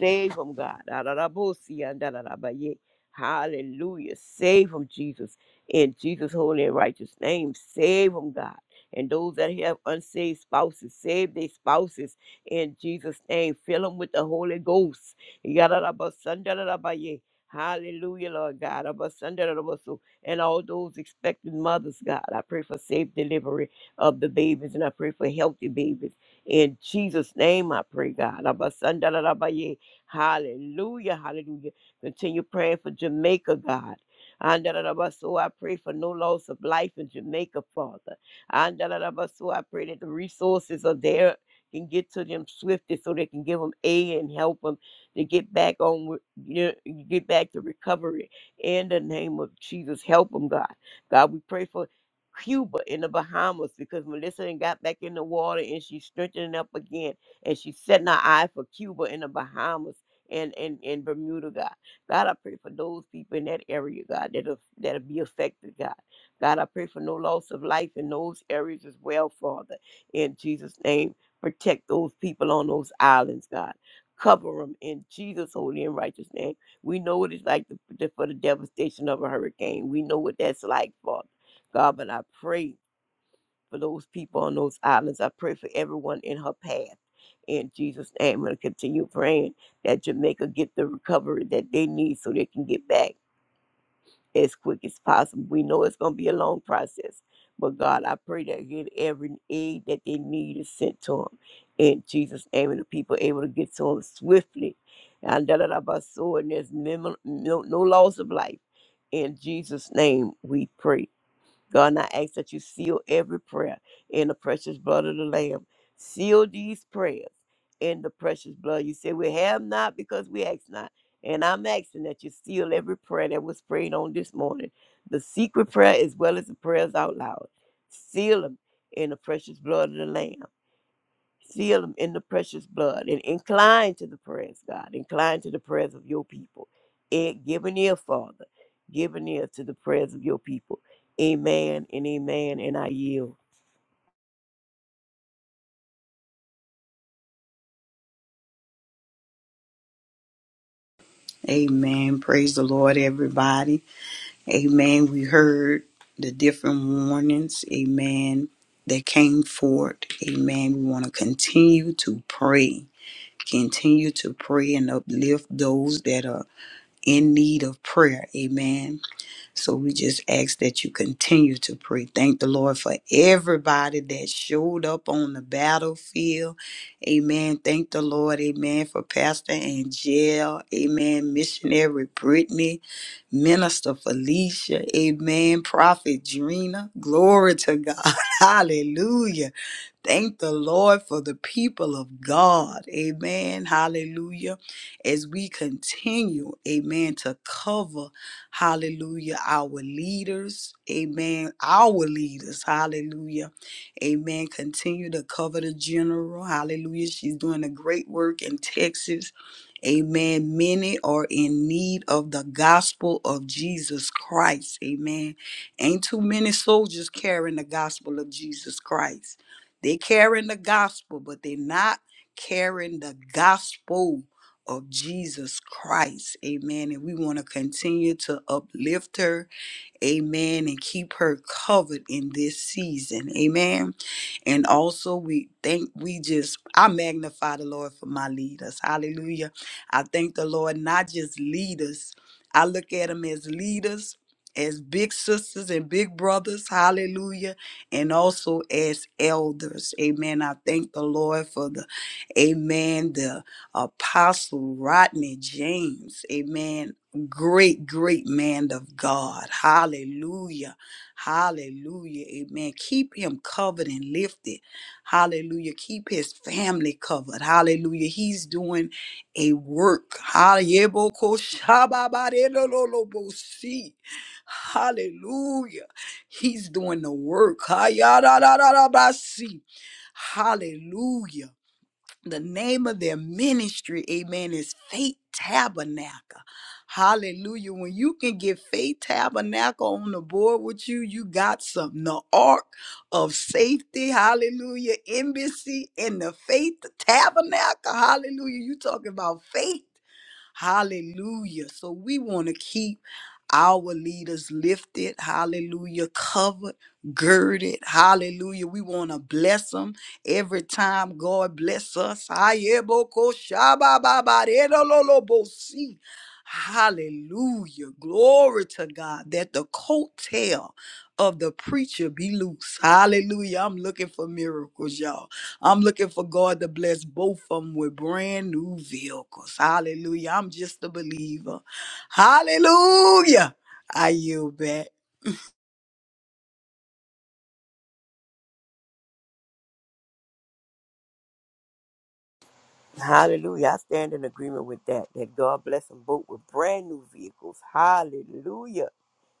Save them, God. Da da da bo si and da da da ba yeah. Hallelujah. Save them, Jesus. In Jesus' holy and righteous name, save them, God. And those that have unsaved spouses, save their spouses in Jesus' name. Fill them with the Holy Ghost. Yadadabasandadadabaye. Hallelujah, Lord God. Abasandadadabaso. And all those expecting mothers, God, I pray for safe delivery of the babies and I pray for healthy babies. In Jesus' name, I pray, God. Abasandadadabaye. Hallelujah, hallelujah. Continue praying for Jamaica, God. Andalabaso, I pray for no loss of life in Jamaica, Father. Andalabaso, I pray that the resources are there can get to them swiftly so they can give them aid and help them to get back on with- you know, get back to recovery in the name of Jesus help them God God we pray for Cuba in the Bahamas because Melissa and got back in the water and she's strengthening up again and she's setting her eye for Cuba in the Bahamas and and, and Bermuda God God, I pray for those people in that area, God, that'll, that'll be affected, God. God, I pray for no loss of life in those areas as well, Father. In Jesus' name, protect those people on those islands, God. Cover them in Jesus' holy and righteous name. We know what it's like to, to- for the devastation of a hurricane. We know what that's like, Father. God, but I pray for those people on those islands. I pray for everyone in her path. In Jesus' name, I'm going to continue praying that Jamaica get the recovery that they need so they can get back as quick as possible. We know it's going to be a long process, but God, I pray that get every aid that they need is sent to them. In Jesus' name, and the people able to get to them swiftly. And da da da ba so, and there's memo- no, no loss of life. In Jesus' name, we pray. God, and I ask that you seal every prayer in the precious blood of the Lamb. Seal these prayers in the precious blood. You say we have not because we ask not. And I'm asking that you seal every prayer that was prayed on this morning. The secret prayer as well as the prayers out loud. Seal them in the precious blood of the Lamb. Seal them in the precious blood and incline to the prayers, God. Incline to the prayers of your people. And give an ear, Father. Give an ear to the prayers of your people. Amen and amen. And I yield. Amen. Praise the Lord, everybody. Amen. We heard the different warnings. Amen. That came forth. Amen. We want to continue to pray. Continue to pray and uplift those that are in need of prayer. Amen So we just ask that you continue to pray. Thank the Lord for everybody that showed up on the battlefield. Amen. Thank the Lord. Amen. For Pastor Angel. Amen. Missionary Brittany. Minister Felicia. Amen. Prophet Drina. Glory to God. Hallelujah. Thank the Lord for the people of God. Amen. Hallelujah. As we continue, amen, to cover, hallelujah, our leaders. Amen. Our leaders. Hallelujah. Amen. Continue to cover the general. Hallelujah. She's doing a great work in Texas. Amen. Many are in need of the gospel of Jesus Christ. Amen. Ain't too many soldiers carrying the gospel of Jesus Christ. They're carrying the gospel, but they're not carrying the gospel of Jesus Christ. Amen. And we want to continue to uplift her Amen. And keep her covered in this season. Amen. And also, we thank, we just, I magnify the Lord for my leaders. Hallelujah. I thank the Lord, not just leaders, I look at them as leaders. As big sisters and big brothers, hallelujah, and also as elders, amen. I thank the Lord for the, amen, the Apostle Rodney James, amen great, great man of God. Hallelujah. Hallelujah. Amen. Keep him covered and lifted. Hallelujah. Keep his family covered. Hallelujah. He's doing a work. Hallelujah. Hallelujah. He's doing the work. Hallelujah. The name of their ministry, amen, is Faith Tabernacle. Hallelujah. When you can get Faith Tabernacle on the board with you, you got something. The Ark of Safety, hallelujah, Embassy, and the Faith Tabernacle, hallelujah. You talking about faith. Hallelujah. So we want to keep our leaders lifted. Hallelujah. Covered, girded. Hallelujah. We want to bless them every time God bless us. Ayeboko shabababadedololobosi. Hallelujah. Glory to God that the coattail of the preacher be loose. Hallelujah. I'm looking for miracles, y'all. I'm looking for God to bless both of them with brand new vehicles. Hallelujah. I'm just a believer. Hallelujah. I yield back. Hallelujah. I stand in agreement with that. That God bless them both with brand new vehicles. Hallelujah.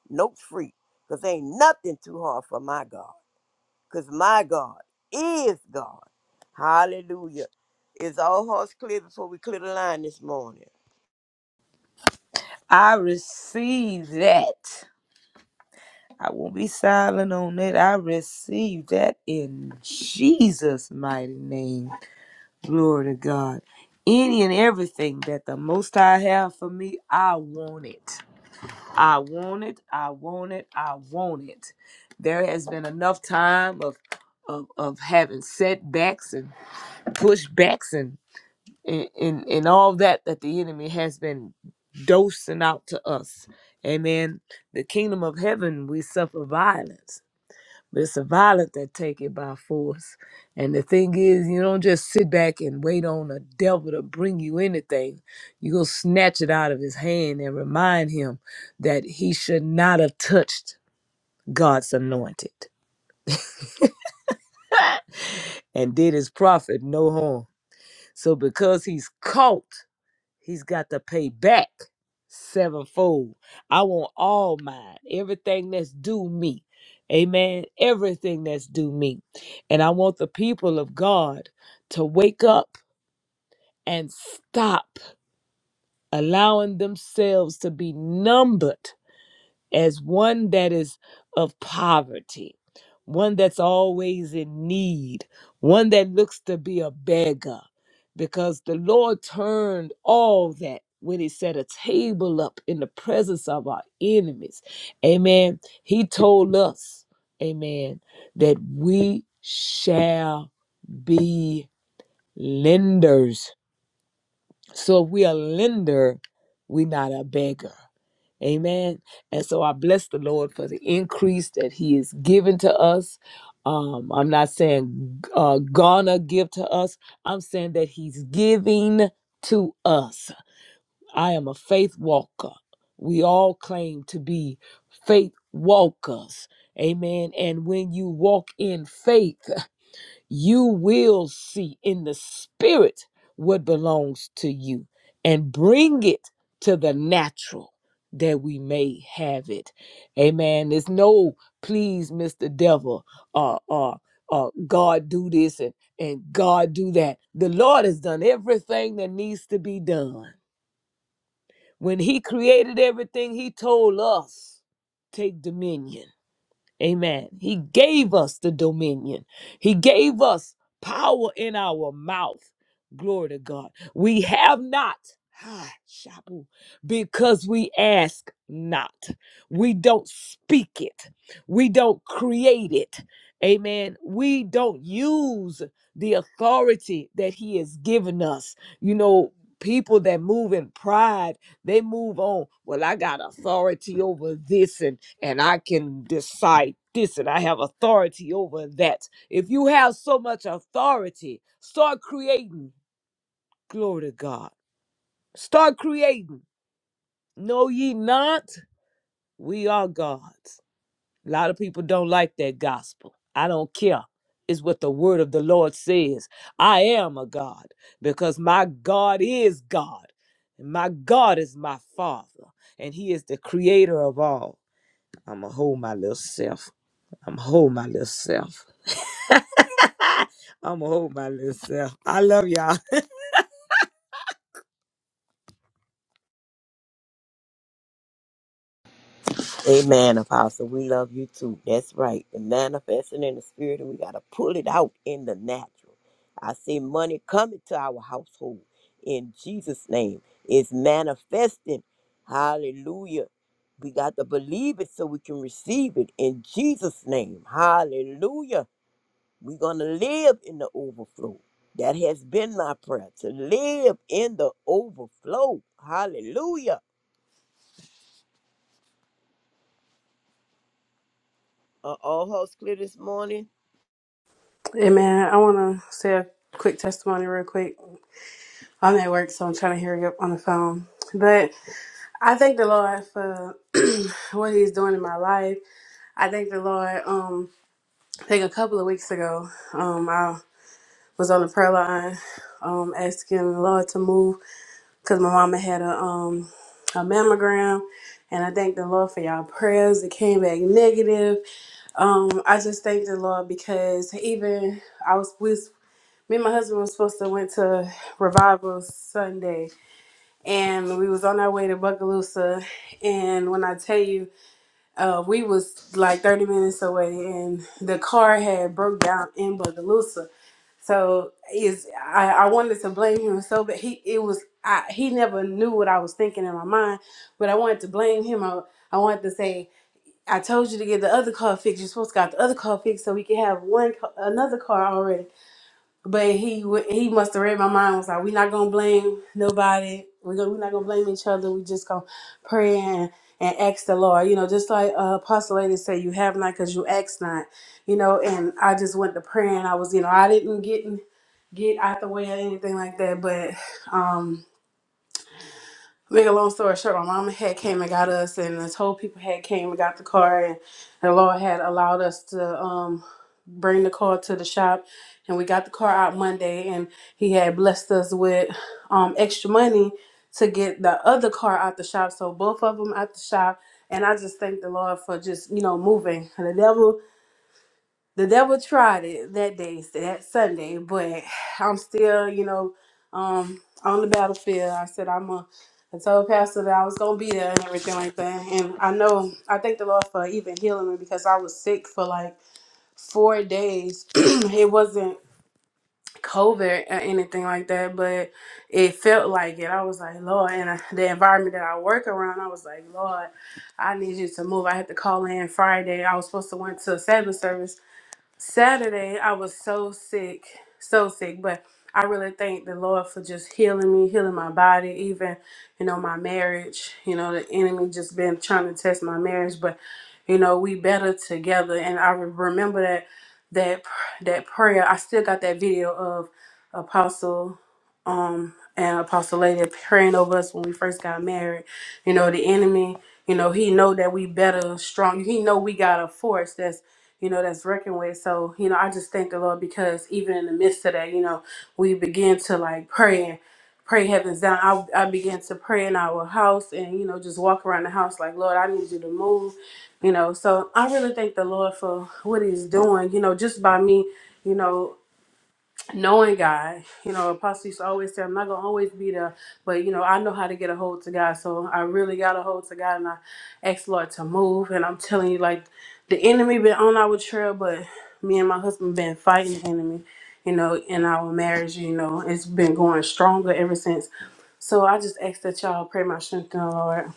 Note free. Because ain't nothing too hard for my God. Because my God is God. Hallelujah. Is all hearts clear before we clear the line this morning? I receive that. I won't be silent on that. I receive that in Jesus' mighty name. Glory to God. Any and everything that the Most High have for me, I want it. I want it. I want it. I want it. There has been enough time of of, of having setbacks and pushbacks and and, and and all that that the enemy has been dosing out to us. Amen. The kingdom of heaven, we suffer violence. But it's the violent that take it by force. And the thing is, you don't just sit back and wait on the devil to bring you anything. You go snatch it out of his hand and remind him that he should not have touched God's anointed and did his prophet no harm. So because he's caught He's got to pay back sevenfold. I want all mine, everything that's due me. Amen. Everything that's due me. And I want the people of God to wake up and stop allowing themselves to be numbered as one that is of poverty, one that's always in need, one that looks to be a beggar, because the Lord turned all that when he set a table up in the presence of our enemies. Amen. He told us, amen, that we shall be lenders so if we a lender, we not a beggar. Amen. And so I bless the Lord for the increase that He is giving to us. Um, I'm not saying uh, gonna give to us. I'm saying that He's giving to us. I am a faith walker. We all claim to be faith walkers. Amen. And when you walk in faith, you will see in the spirit what belongs to you and bring it to the natural that we may have it. Amen. There's no please, Mr. Devil, or or or God do this and, and God do that. The Lord has done everything that needs to be done. When He created everything, He told us take dominion. Amen. He gave us the dominion. He gave us power in our mouth. Glory to God. We have not. ah, shabu, Because we ask not. We don't speak it. We don't create it. Amen. We don't use the authority that He has given us. You know, people that move in pride, they move on. Well, I got authority over this and and I can decide this and I have authority over that. If you have so much authority, start creating. Glory to God. Start creating. Know ye not, we are gods. A lot of people don't like that gospel. I don't care. It's what the word of the Lord says. I am a God because my God is God. And my God is my Father, and He is the creator of all. I'm going to hold my little self. I'm gonna hold my little self. I'm gonna hold my little self. I love y'all. Amen, Apostle. We love you too. That's right. The manifesting in the spirit, and we got to pull it out in the natural. I see money coming to our household in Jesus' name. It's manifesting. Hallelujah. We got to believe it so we can receive it in Jesus' name. Hallelujah. We're going to live in the overflow. That has been my prayer to live in the overflow. Hallelujah. Are all hearts clear this morning? Hey man, I want to say a quick testimony real quick. I'm at work, so I'm trying to hear you on the phone. But I thank the Lord for what He's doing in my life. I thank the Lord. Um, I think a couple of weeks ago, um, I was on the prayer line, um, asking the Lord to move because my mama had a um a mammogram, and I thank the Lord for y'all prayers. It came back negative. Um, I just thank the Lord because even I was we me and my husband was supposed to went to revival Sunday, and we was on our way to Buckaloosa. And when I tell you, uh, we was like thirty minutes away, and the car had broke down in Buckaloosa. So is I, I wanted to blame him so, but he it was I, he never knew what I was thinking in my mind, but I wanted to blame him. I, I wanted to say. I told you to get the other car fixed. You're supposed to got the other car fixed so we can have one ca- another car already but he wa- he must have read my mind. Was like, we're not gonna blame nobody. We're gonna, we're not gonna blame each other. We just gonna pray and, and ask the Lord. You know, just like uh, Apostle Lady said, you have not because you ask not. You know, and I just went to prayer and I was, you know, I didn't get in- get out the way or anything like that. But um Make a long story short, my mama had came and got us, and the tow people had came and got the car, and the Lord had allowed us to um bring the car to the shop, and we got the car out Monday, and He had blessed us with um extra money to get the other car out the shop, so both of them out the shop, and I just thank the Lord for just you know moving. And The devil the devil tried it that day, that Sunday, but I'm still, you know, um, on the battlefield. I said I'm a, I told Pastor that I was gonna be there and everything like that. And I know I thank the Lord for even healing me because I was sick for like four days. it wasn't COVID or anything like that, but it felt like it. I was like, Lord, and I, the environment that I work around, I was like, Lord, I need you to move. I had to call in Friday. I was supposed to went to a Sabbath service Saturday, I was so sick, so sick, but I really thank the Lord for just healing me, healing my body, even, you know, my marriage. You know, the enemy just been trying to test my marriage, but, you know, we better together. And I re- remember that, that, pr- that prayer. I still got that video of Apostle, um, and Apostle Lady praying over us when we first got married. You know, the enemy, you know, he know that we better strong. He know we got a force that's you know, that's reckoned with. So, you know, I just thank the Lord because even in the midst of that, you know, we begin to like pray and pray heavens down. I, I began to pray in our house and, you know, just walk around the house like, Lord, I need you to move, you know. So I really thank the Lord for what he's doing, you know, just by me, you know knowing God. You know, Apostle used to always say, I'm not gonna always be there, but you know, I know how to get a hold to God. So I really got a hold to God and I asked the Lord to move. And I'm telling you, like the enemy been on our trail, but me and my husband been fighting the enemy, you know, in our marriage, you know, it's been going stronger ever since. So I just ask that y'all pray my strength in the Lord.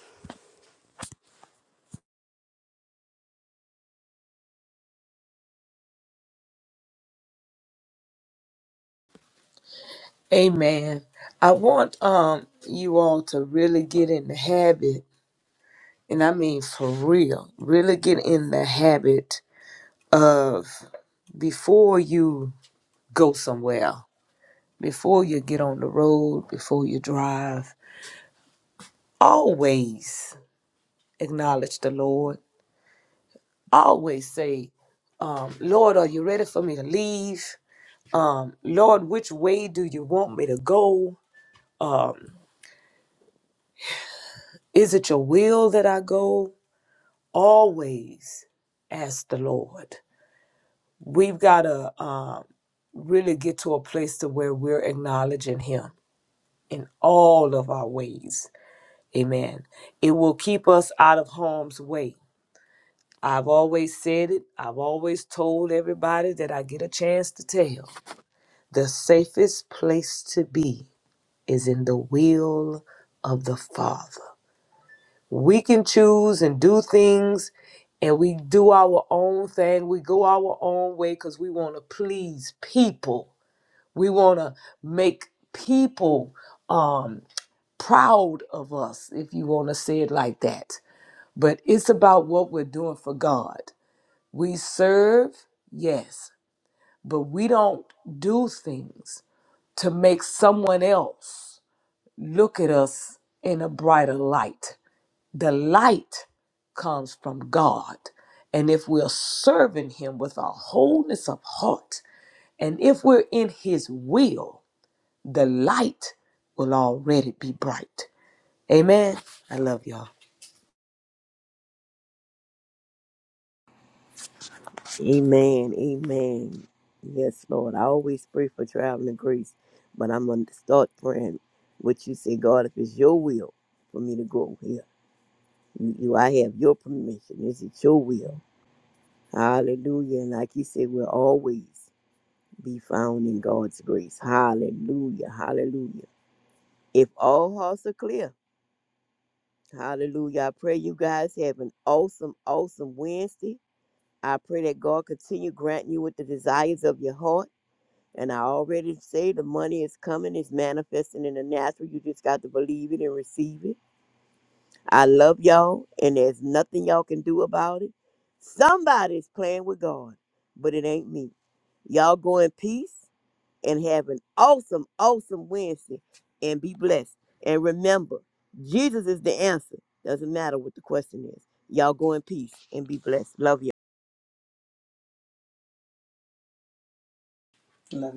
Amen. I want um you all to really get in the habit, and I mean for real, really get in the habit of before you go somewhere, before you get on the road, before you drive, always acknowledge the Lord. Always say, um, Lord, are you ready for me to leave? um, Lord, which way do you want me to go? Um, is it your will that I go? Always ask the Lord. We've got to um, really get to a place to where we're acknowledging Him in all of our ways. Amen. It will keep us out of harm's way. I've always said it. I've always told everybody that I get a chance to tell. The safest place to be is in the will of the Father. We can choose and do things and we do our own thing. We go our own way because we want to please people. We want to make people um, proud of us, if you want to say it like that. But it's about what we're doing for God. We serve, yes, but we don't do things to make someone else look at us in a brighter light. The light comes from God. And if we're serving Him with a wholeness of heart, and if we're in His will, the light will already be bright. Amen. I love y'all. Amen. Amen. Yes, Lord. I always pray for traveling grace, but I'm going to start praying what you say, God, if it's your will for me to go here, you, you I have your permission. Is it your will? Hallelujah. And like you said, we'll always be found in God's grace. Hallelujah. Hallelujah. If all hearts are clear, hallelujah. I pray you guys have an awesome, awesome Wednesday. I pray that God continue granting you with the desires of your heart. And I already say the money is coming, it's manifesting in the natural. You just got to believe it and receive it. I love y'all, and there's nothing y'all can do about it. Somebody's playing with God, but it ain't me. Y'all go in peace and have an awesome, awesome Wednesday and be blessed. And remember, Jesus is the answer. Doesn't matter what the question is. Y'all go in peace and be blessed. Love y'all. Love you.